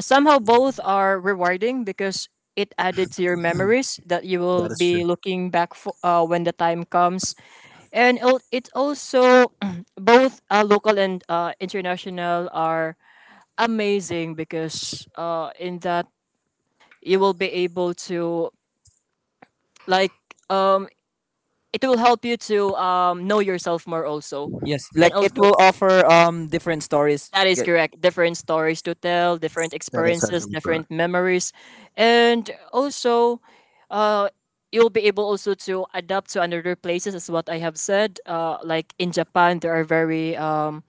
B: Somehow, both are rewarding because it added to your memories that you
A: That
B: will
A: is true.
B: be looking back for when the time comes. And it also both local and international are amazing because in that you will be able to like um, it will help you to know yourself more also.
C: Yes.
B: And
C: Like it
B: also
C: will offer different stories.
B: that is
C: Yeah,
B: correct, different stories to tell, different
A: That is
B: experiences,
A: actually correct.
B: different memories. And also, uh, you'll be able also to adapt to another places as what I have said. Like in Japan, there are very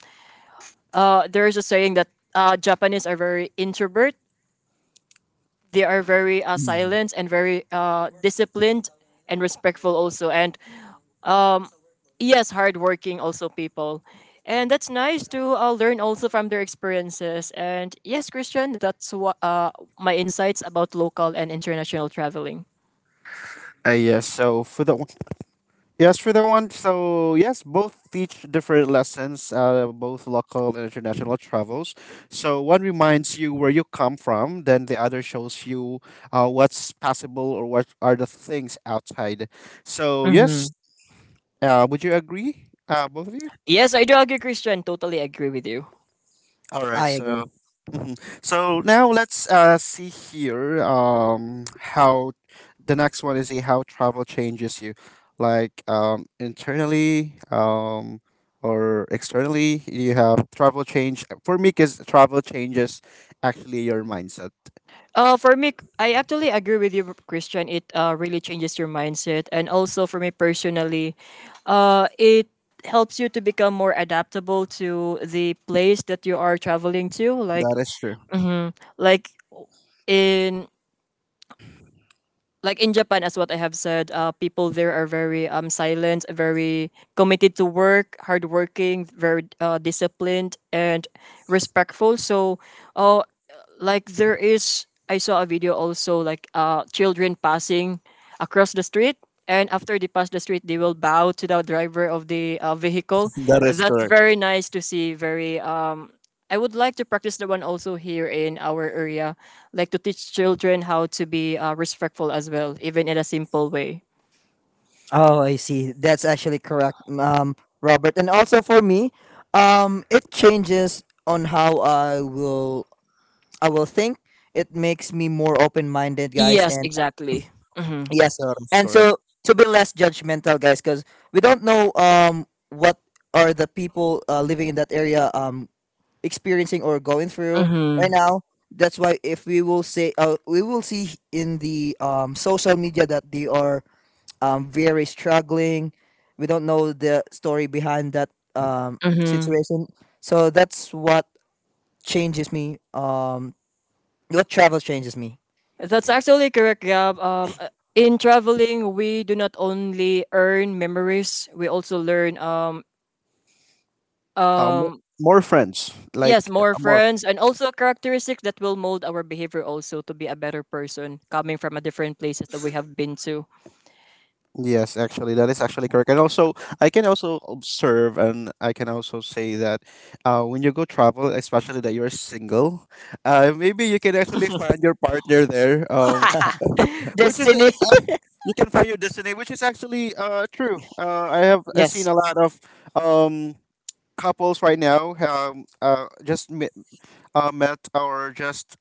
B: there is a saying that Japanese are very introvert. They are very
A: Mhm.
B: silent and very disciplined and respectful also, and um, yes, hardworking also people. And that's nice to learn also from their experiences. And yes, Christian, that's what my insights about local and international traveling.
A: Yes. So for that, yes, for that one. So yes, both teach different lessons, both local and international travels. So one reminds you where you come from, then the other shows you, what's possible, or what are the things outside. So yes,
B: Mhm.
A: would you agree, both of you?
B: Yes, I do agree, Christian. Totally agree with you.
A: All right.
C: I agree.
A: So, mm. So now let's, see here, how, the next one is, see how travel changes you, like, internally, or externally. You have travel change for me, because travel changes actually your mindset.
B: For me, I actually agree with you, Christian. It really changes your mindset, and also for me personally, it helps you to become more adaptable to the place that you are traveling to.
A: That is true.
B: Mhm, like in like in Japan, as what I have said, people there are very silent, very committed to work, hardworking, very disciplined, and respectful. So, uh, I saw a video also like children passing across the street, and after they pass the street, they will bow to the driver of the vehicle.
A: That is
B: That's
A: correct.
B: very nice to see. Very I would like to practice the one also here in our area, like to teach children how to be respectful as well, even in a simple way.
C: Oh, I see. That's actually correct, Robert. And also for me, it changes on how I will think. It makes me more open minded, guys,
B: Yes,
C: and
B: exactly. Mm-hmm.
C: yes,
A: That is
C: and
A: correct.
C: so to be less judgmental, guys, because we don't know what are the people living in that area experiencing or going through
B: Mm-hmm.
C: right now. That's why if we will say, we will see in the social media that they are Vera is struggling. We don't know the story behind that um,
B: Mm-hmm.
C: situation. So that's what changes me. What travel changes me.
B: That's actually correct, Gab. In traveling, we do not only earn memories, we also learn,
A: Um, more friends, like,
B: yes, more
A: more.
B: friends and also characteristics that will mold our behavior also to be a better person coming from a different places that we have been to.
A: Yes, actually, that is actually correct. And also, I can also observe, and I can also say that, when you go travel, especially that you're single, maybe you can actually find your partner there, which is,
B: Destiny.
A: you can find your destiny, which is actually, true. I have, seen
B: Yes.
A: a lot of, um, couples right now, just met, met, or just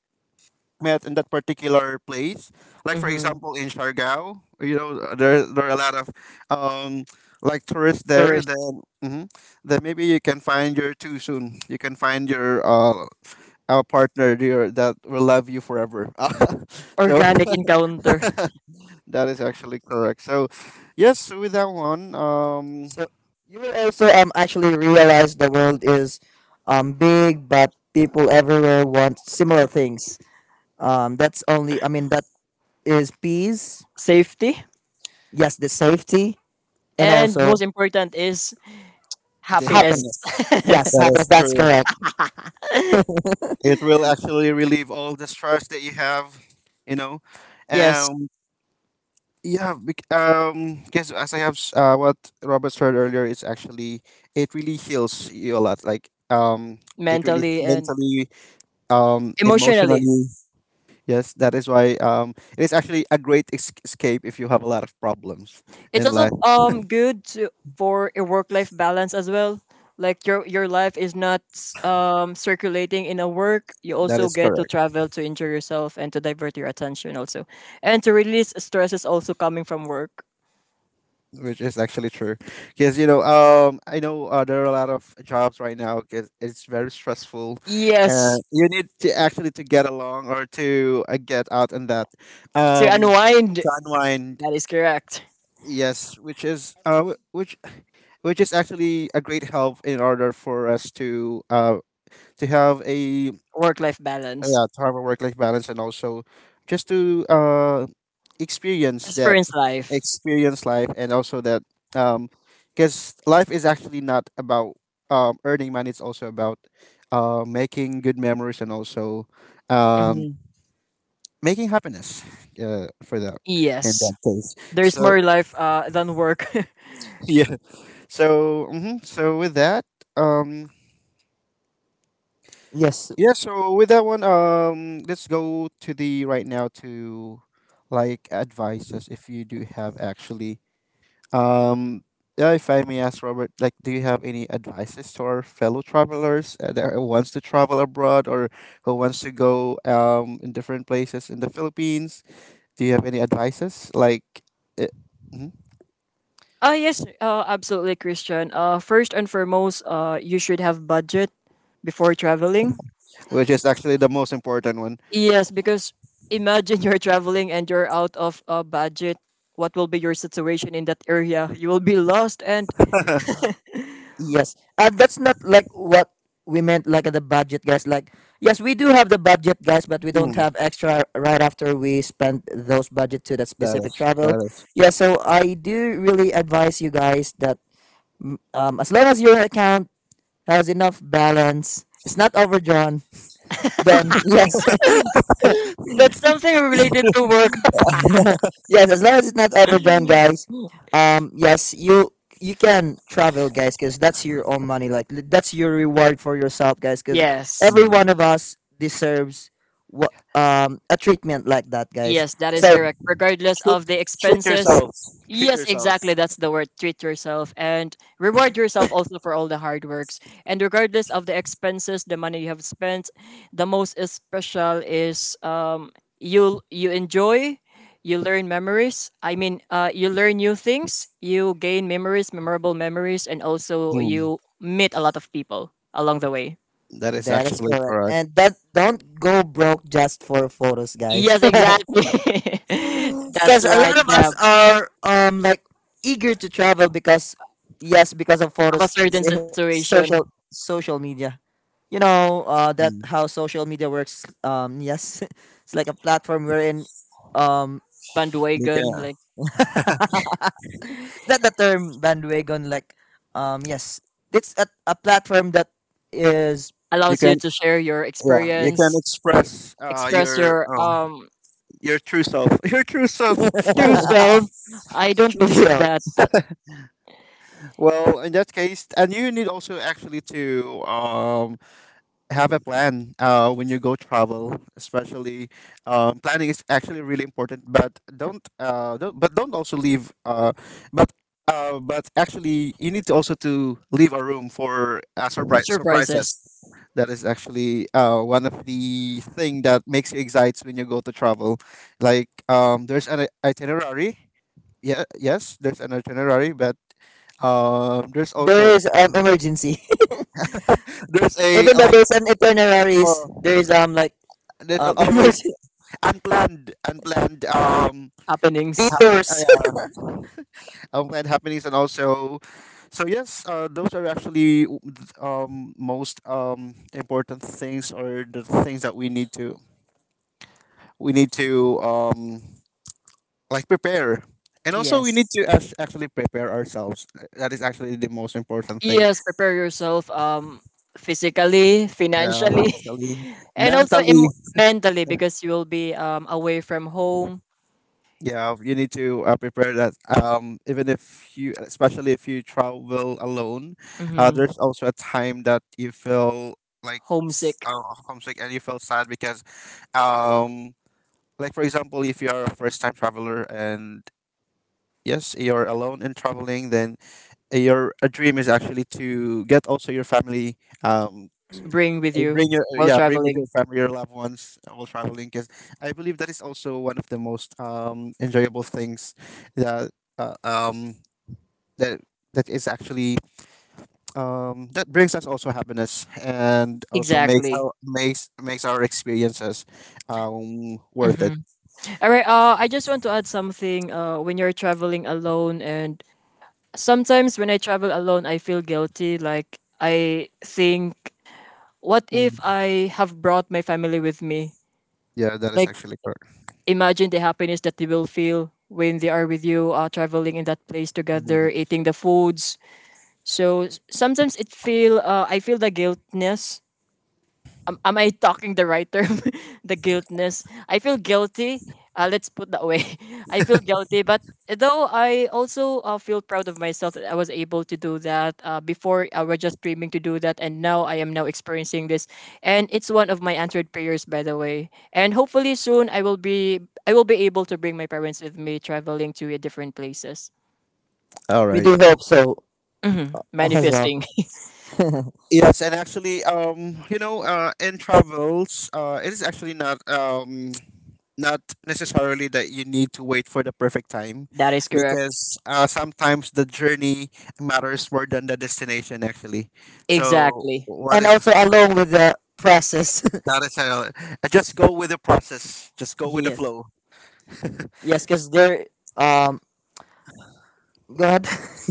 A: met in that particular place. Like for
B: Mm-hmm.
A: example, in Siargao, you know, there are a lot of, um like tourists there. Then hmm, then maybe you can find your too soon. You can find your, our partner dear that will love you forever. So
B: Organic encounter,
A: that is actually correct. So yes, with that one,
C: So you will also actually realize the world is big, but people everywhere want similar things. That's only, I mean that is peace.
B: safety,
C: Yes, the safety and
B: and
C: also
B: most important is
A: the
C: happen.
B: happiness.
A: happiness,
C: Yes,
A: that
C: happiness.
A: is
C: That's
A: true.
C: correct.
A: It will actually relieve all the stress that you have, you know.
B: Yes,
A: Um. Yeah, because as I have what Robert said earlier, it's actually, it really heals you a lot. Like, it really
B: mentally and
A: mentally,
B: emotionally.
A: emotionally. Yes, that is why, it is actually a great escape if you have a lot of problems
B: It's
A: in
B: also
A: life.
B: good for a work-life balance as well. Like your life is not circulating in a work. You
A: That
B: also
A: is
B: get to
A: correct.
B: travel to enjoy yourself and to divert your attention also, and to release stresses also coming from work.
A: Which is actually true, because you know, I know, there are a lot of jobs right now because it's very stressful, and
B: Yes,
A: yes, you need to actually to get along, or to, get out, and that,
B: to
A: um
B: unwind.
A: to unwind.
B: That is correct.
A: Yes, which is, which is actually a great help in order for us to, to have a,
B: Work-life balance.
A: yeah, to have a work life balance. And also just to, experience that,
B: Experience life.
A: experience life, and also that, um because life is actually not about, earning money. It's also about, making good memories, and also, um
B: Mm-hmm.
A: making happiness, for that, in
B: Yes,
A: that case,
B: there's
A: so
B: more life than work.
A: yeah. So mhm, so with that, um
C: Yes.
A: yeah, so with that one, let's go to the right now to, like advices if you do have actually. Um, yeah, if I may ask Robert, like, do you have any advices to our fellow travelers, that wants to travel abroad, or who wants to go, in different places in the Philippines? Do you have any advices, like, uh, mhm,
B: Ah, yes, absolutely, Christian. First and foremost, you should have budget before traveling.
A: which is actually the most important one?
B: Yes, because imagine you're traveling and you're out of a budget. What will be your situation in that area? You will be lost, and
C: Yes. And that's not like what we meant like the budget, guys. Like yes, we do have the budget, guys, but we don't
A: Mm,
C: have extra right after we spend those budget to that
A: that
C: specific
A: is,
C: travel.
A: that is
C: Yeah, so I do really advise you, guys, that mm, as long as your account has enough balance, it's not overdrawn, then yes.
B: that's something related to work.
C: Yes, as long as it's not overdrawn, guys. Yes, you can travel, guys, because that's your own money. Like that's your reward for yourself, guys. Because
B: Yes.
C: every
A: mm.
C: one of us deserves what a treatment like that, guys.
B: Yes, that is
C: So
B: correct. Regardless
A: Treat,
B: of the
A: treat
B: expenses.
A: yourselves. Treat
B: Yes, exactly.
A: yourselves.
B: That's the word. Treat yourself and reward yourself also for all the hard works. And regardless of the expenses, the money you have spent, the most is special is, you enjoy, you learn memories. I mean, you learn new things, you gain memories, memorable memories, and also you meet a lot of people along the way.
A: That is
C: that is
A: actually
C: correct,
A: correct.
C: and that don't go broke just for photos, guys.
B: Yes, exactly.
C: Because
B: That's
C: a
B: right,
C: lot of us
B: Deb.
C: are like eager to travel because yes, because of
B: Of a
C: photos,
B: certain situation.
C: social media. You know that
A: Mm.
C: how social media works, um, yes. It's like a platform wherein, um
A: You
B: Bandwagon,
A: can,
B: like
C: is that the term bandwagon, like, yes, it's a platform that is,
A: you
B: allows you
A: can,
B: to share your
A: yeah,
C: yeah,
A: you can
B: experience,
A: express,
B: express
A: your,
B: your
A: your true self, your true self.
B: true self. I don't
C: true.
B: believe
C: So
B: that
A: Well, in that case, and you need also actually to, have a plan, when you go travel, especially, planning is actually really important, but don't but don't also leave, but but actually, you need to also to leave a room for,
B: surprises
A: surprises. That is actually, one of the thing that makes you excited when you go to travel, like, there's an itinerary. Yeah, yes, there's an itinerary, but, there's also,
C: there is an emergency.
A: there's a,
C: Even though
A: like,
C: there's an itineraries, there is
A: uh,
C: like
A: there's always
C: emergency,
A: unplanned,
B: happenings.
A: hap-
C: detours.
A: uh, unplanned happenings, and also. So yes, those are actually most, important things, or the things that we need to, we need to, like prepare. And also, we need
B: Yes.
A: to actually prepare ourselves. That is actually the most important thing.
B: Yes, prepare yourself physically,
A: Yeah,
B: financially,
A: mentally,
B: and also
A: mentally.
B: mentally because you will be away from home.
A: Yeah, you need to, prepare that. Even if you, especially if you travel alone,
B: Mm-hmm.
A: there's also a time that you feel like, s-
B: Homesick.
A: uh, homesick, and you feel sad because, um, like for example, if you are a first-time traveler, and yes, you're alone and traveling, then your a dream is actually to get also your family, um,
B: Bring with you
A: bring your,
B: while
A: yeah, bring with your
B: traveling.
A: family, your loved ones, while traveling, because I believe that is also one of the most, enjoyable things that, uh, um that, that is actually, that brings us also happiness, and also makes
B: Exactly.
A: our, makes our experiences, worth
B: Mm-hmm.
A: it.
B: All right. I just want to add something. When you're traveling alone and Sometimes when I travel alone, I feel guilty. Like, I think, what
A: Mm,
B: if I have brought my family with me?
A: yeah, that is
B: Like,
A: actually correct.
B: imagine the happiness that they will feel when they are with you, traveling in that place
A: Mm.
B: together, eating the foods. So sometimes I feel the guiltness. Am I talking the right term? The guiltness. I feel guilty. Let's put that way. I feel guilty, but though I also feel proud of myself that I was able to do that. Before I was just dreaming to do that, and now I am now experiencing this, and it's one of my answered prayers, by the way. And hopefully soon I will be able to bring my parents with me traveling to different places.
A: All
C: We
A: right.
C: do hope so
B: Hmm.
C: as well.
B: Manifesting.
A: Yes, and actually, in travels, it is actually not necessarily that you need to wait for the perfect time,
B: That is correct.
A: because sometimes the journey matters more than the destination. Actually, so
B: Exactly.
A: what
C: And
A: is,
C: also along with the process.
A: that is how? Just go with the process. Just go with the
C: Yes,
A: flow.
C: yes, because there um go ahead.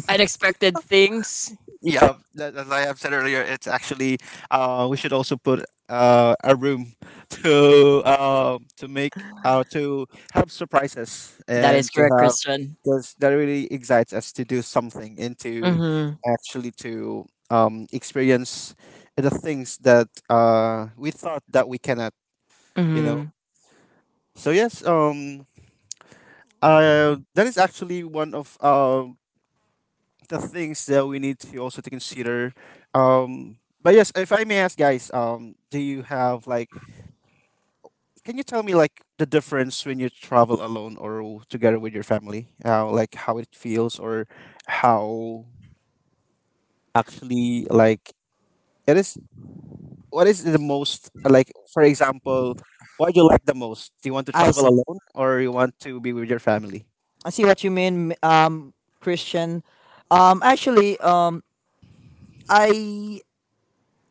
B: Unexpected things.
A: Yeah, as I have said earlier, it's actually we should also put a room to make to have surprises
B: That is
A: and to
B: correct,
A: have,
B: Christian.
A: because that really excites us to do something, and to
B: Mhm,
A: actually to um, experience the things that we thought that we cannot, you know.
B: mhm.
A: So yes, that is actually one of the things that we need to also to consider. But yes, if I may ask, guys, do you have, like? Can you tell me, like, the difference when you travel alone or together with your family? Like how it feels, or how actually, like, it is. What is the most, like? For example, what do you like the most? Do you want to
C: i
A: travel
C: see
A: alone, or you want to be with your family?
C: I see what you mean, Christian. Actually, I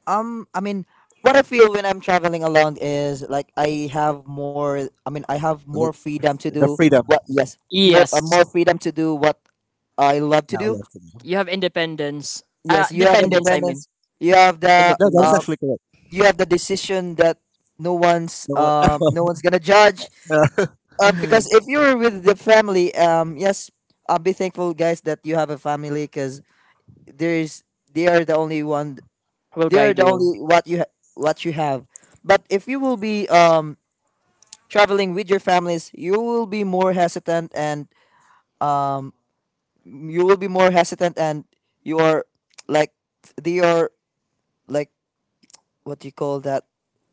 C: I mean, what I feel when I'm traveling alone is like I have more. I mean, I have
A: Like
C: more freedom to
A: the
C: do
A: freedom.
C: what.
A: Mhm.
C: Yes, more,
B: Yes,
C: more freedom to do what I love to
A: Now
C: do.
A: left to you.
B: you have independence.
C: Yes, you have
B: Dependence, I
A: Mm.
B: mean,
C: independence. You have the
A: No, that is
C: uh,
B: independence.
A: actually correct.
C: you have the decision that no one's,
A: So,
C: no one's gonna judge.
B: Mhm.
C: Because if you're with the family, yes, I'll be thankful, guys, that you have a family, because there is, they are the only one
B: Will
C: they are
B: guide
C: the
B: you,
C: only what you what you have. But if you will be traveling with your families, you will be more hesitant and um you will be more hesitant, and you are like, they are like, what do you call that,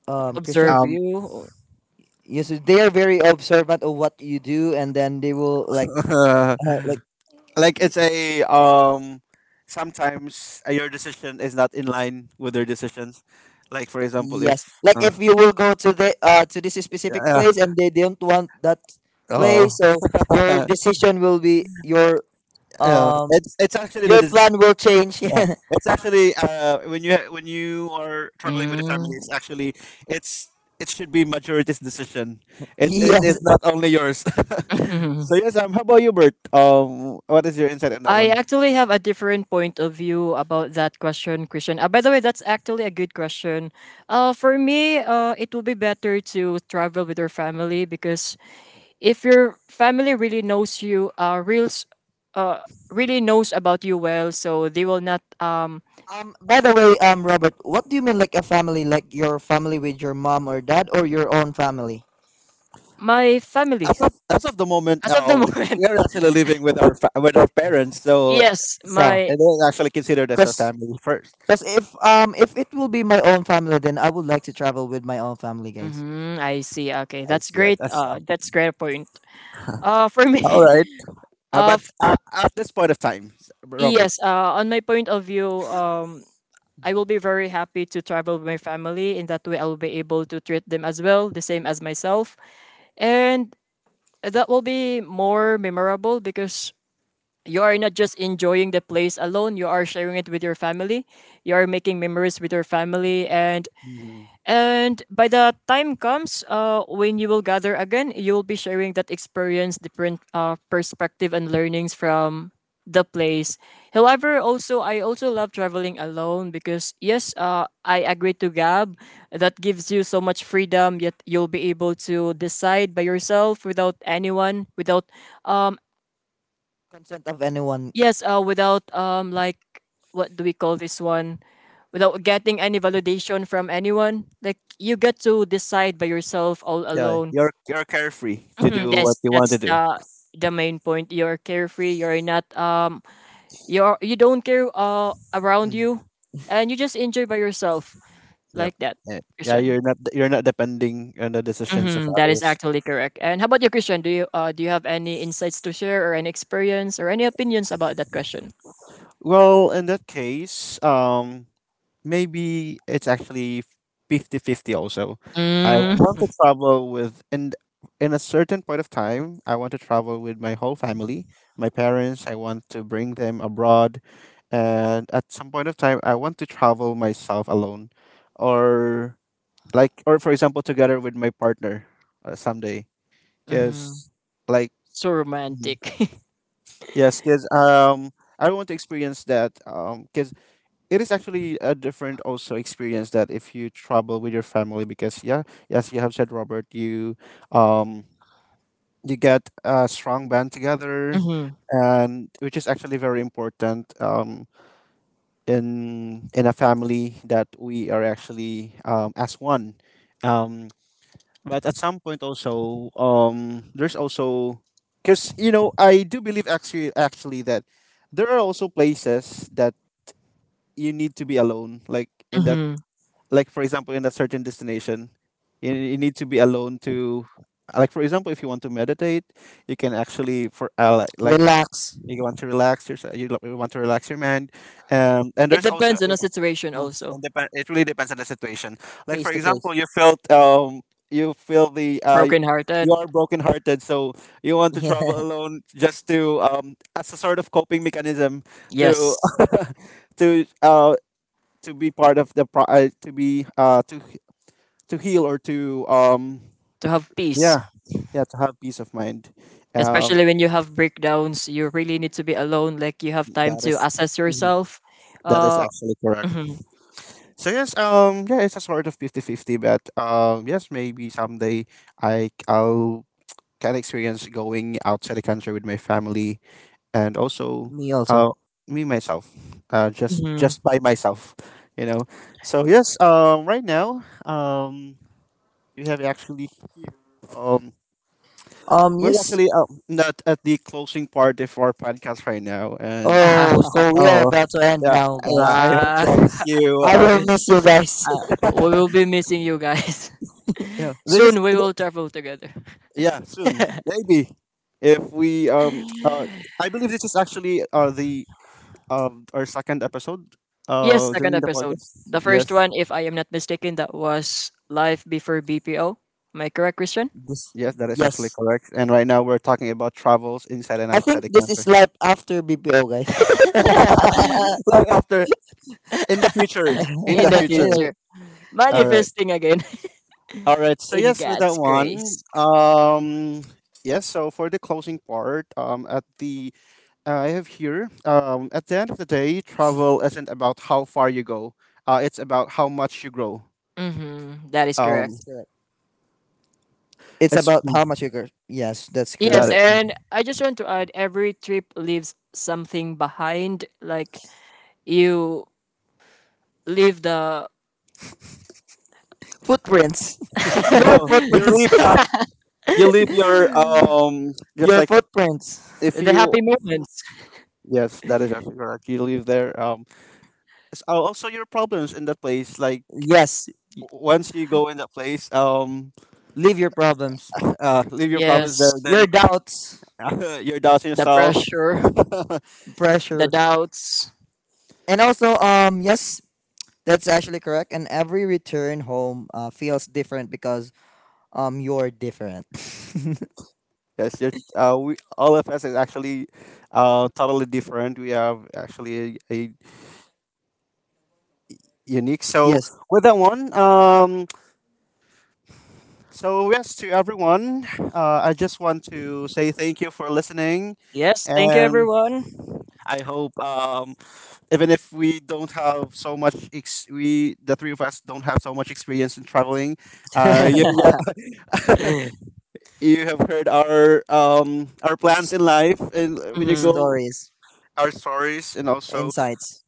C: Christian?
B: observe
A: um,
B: you.
C: Yes, they are very observant of what you do, and then they will like uh, like
A: like, it's a, sometimes, your decision is not in line with their decisions, like, for example,
C: yes,
A: if
C: like if you will go to the to this specific
A: yeah.
C: place and they don't want that
A: Oh.
C: place, so your decision will be
A: Yeah,
C: um
A: it's actually the
C: your plan will change.
A: yeah. It's actually when you when you are traveling with a family, it's
B: Mm.
A: actually, it's it should be majority's decision. It is
C: Yes.
A: not only yours. So yes, how about you, Bert? What is your insight on that?
B: I actually have a different point of view about that question, Christian. By the way, that's actually a good question. For me, it will be better to travel with your family because if your family really knows you, uh, really knows about you well, so they will not
C: By the way, Robert, what do you mean like a family? Like your family with your mom or dad, or your own family?
B: My family,
A: As of the moment,
B: as of the moment.
A: we are actually living with our with our parents, so
B: Yes,
C: So,
B: my.
A: it is actually considered as our
C: cause,
A: family first.
C: cause if it will be my own family, then I would like to travel with my own family, guys.
B: Hmm, I see. Okay,
A: I
B: that's
A: see. Yeah,
B: great.
A: that's,
B: That's great point. For
A: all
B: me,
A: right.
B: uh,
A: But
B: f-
A: at this point of time, Robert,
B: yes. On my point of view, I will be very happy to travel with my family. In that way, I will be able to treat them as well, the same as myself, and that will be more memorable because you are not just enjoying the place alone. You are sharing it with your family. You are making memories with your family, and
A: mhm.
B: And by the time comes when you will gather again, you will be sharing that experience, different perspective and learnings from the place. However, also I also love traveling alone because yes, I agree to Gab. That gives you so much freedom. Yet you'll be able to decide by yourself without anyone, without um,
C: Consent of anyone.
B: yes. Without Like what do we call this one? Without getting any validation from anyone, like you get to decide by yourself all
A: Yeah,
B: alone.
A: you're carefree to
B: Mhm,
A: do what
B: yes,
A: you want to
B: that's
A: do.
B: the main point. You're carefree. You're not you don't care around
A: Mm.
B: you, and you just enjoy by yourself
A: Yep.
B: like that,
A: Yeah, yeah,
B: Christian.
A: you're not depending on the decisions of
B: Mm-hmm, that is
A: others.
B: actually correct. And how about you, Christian? Do you have any insights to share or any experience or any opinions about that question?
A: Well, in that case, maybe it's actually fifty-fifty also. I want to
B: Mm-hmm.
A: travel with, and in a certain point of time, I want to travel with my whole family, my parents. I want to bring them abroad, and at some point of time I want to travel myself alone, or, like, or for example together with my partner, someday, because, like...
B: So
A: Mhm.
B: romantic.
A: Yes, because I want to experience that, because it is actually a different also experience that if you travel with your family, because, yeah, yes, you have said, Robert, you um you get a strong band together,
B: Mhm.
A: and which is actually very important, in a family that we are actually, as one. um but at some point also, there's also, because, you know, I do believe actually that there are also places that you need to be alone, like in that,
B: Mhm.
A: like, for example, in a certain destination, you need to be alone to, like, for example, if you want to meditate, you can actually for like,
C: Relax.
A: you want to relax your, you want to relax your mind, and
B: It
A: there's also
B: depends on the situation also.
A: it really depends on the situation, like for
C: Case to
A: example,
C: case.
A: you feel the
B: Broken-hearted.
A: you are brokenhearted, so you want to travel alone, just to, as a sort of coping mechanism, to
B: Yes.
A: to uh to be part of the pro- to heal, or to
B: To have peace.
A: yeah, yeah, to have peace of mind, um
B: Especially when you have breakdowns, you really need to be alone. Like you have time
A: that is...
B: to assess
A: Mhm.
B: yourself.
A: That is
B: Uh,
A: actually correct.
B: mhm,
A: So yes, yeah, it's a sort of fifty fifty. But yes, maybe someday I'll can experience going outside the country with my family, and also
C: Me also.
A: uh me myself, just
B: mhm.
A: just by myself you know so yes, right now, we have actually here, um we're
C: Yes.
A: actually, not at the closing part of our podcast right now, and...
C: Oh, so we are
A: Oh,
C: about to end
A: yeah,
C: now,
A: yeah.
C: guys.
A: I hope,
B: Ah,
A: guys, you,
C: I will miss you guys.
B: uh, we will be missing you guys.
A: yeah. This is...
B: Soon we will travel together.
A: Yeah, soon, maybe, if we, I believe this is actually the our second episode
B: Yes, second
A: during the
B: episode.
A: podcast.
B: The first
A: Yes,
B: one, if I am not mistaken, that was Life Before BPO. Am I correct, Christian?
C: this,
A: yes, that is actually
C: yes.
A: correct. And right now we're talking about travels inside and
C: I
A: outside
C: think
A: the
C: this is
A: country.
C: life after BPO, guys.
A: Like after, in the future, in
B: In
A: the
B: the
A: future.
C: Anyway,
B: future.
A: All right.
B: Manifesting again.
A: All right. So
B: In
A: yes, with that
B: God's
A: one.
B: grace.
A: Yes, so for the closing part, at the I have here, at the end of the day, travel isn't about how far you go. It's about how much you grow.
B: Mm-hmm, that is
C: that is
A: Um
B: correct.
C: correct. It's
A: it's...
C: about
A: Mm.
C: how much you curse. Yes, that's
A: Got
B: Yes,
C: correct.
A: it.
B: and I just want to add every trip leaves something behind. Like you leave the
C: Footprints. Your
A: No,
B: the
A: you
C: footprints.
A: leave, you leave your, just
C: Your
A: like,
C: footprints.
A: if you...
B: happy moments.
A: Yes, that is actually correct. You leave there, also your problems in that place, like,
C: Yes.
A: once you go in that place,
C: Leave your problems.
A: leave your problems there.
B: Yes,
A: Then
C: Your doubts.
A: you're doubting
B: the
A: yourself.
B: pressure, the
C: Pressure.
B: doubts.
C: And also, yes, that's actually correct. And every return home, feels different because you're different.
A: Yes, we, all of us is actually totally different. We have actually a unique. So,
C: Yes.
A: with that one, so yes, to everyone. I just want to say thank you for listening,
B: Yes, thank you
A: and
B: everyone.
A: I hope, even if we don't have so much, we, the three of us, don't have so much experience in traveling. Uh, you you have heard our, our plans in life, and when you
B: Hmm.
A: go,
C: Stories.
A: our stories, and also...
C: Insights.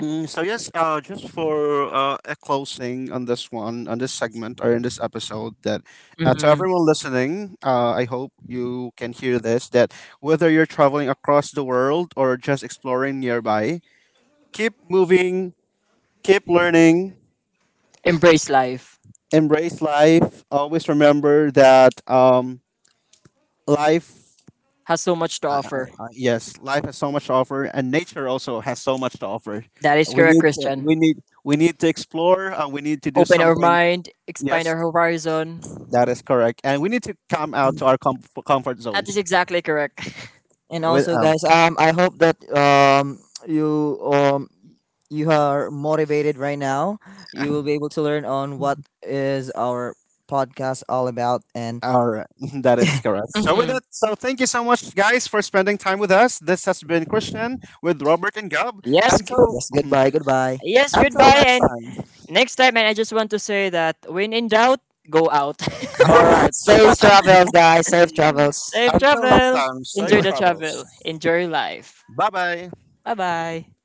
A: Mm. So yes, just for a closing on this one, on this segment, or in this episode, that to
B: Hmm.
A: everyone listening, I hope you can hear this: that whether you're traveling across the world or just exploring nearby, keep moving, keep learning,
B: Embrace life.
A: embrace life. Always remember that life...
B: Has so much to offer.
A: yes, life has so much to offer, and nature also has so much to offer.
B: That is
A: We
B: correct,
A: need to, we
B: Christian.
A: need we need to explore, and we need to do
B: Open our
A: something.
B: mind, expand
A: Yes,
B: our horizon.
A: that is correct, and we need to come out to our comfort
B: That is
A: zones.
B: exactly correct.
C: And
A: With,
C: also, guys, I hope that you you are motivated right now. You will be able to learn on what is our podcast all about. And
A: our... that is correct. So, with
B: Mm-hmm.
A: that, so thank you so much, guys, for spending time with us. This has been Christian with Robert and Gab.
B: Yes,
A: Until
C: yes, goodbye, goodbye.
B: yes,
A: until
B: goodbye.
A: next
B: And
A: time.
B: next time, and I just want to say that when in doubt, go out.
A: All right. So yeah,
C: Safe travels, guys. Safe travels.
B: Safe
A: until next
B: travel.
A: time. Safe
B: Enjoy the
C: Goodbye.
A: travels.
B: travel. Enjoy life.
A: Bye bye.
B: Bye bye.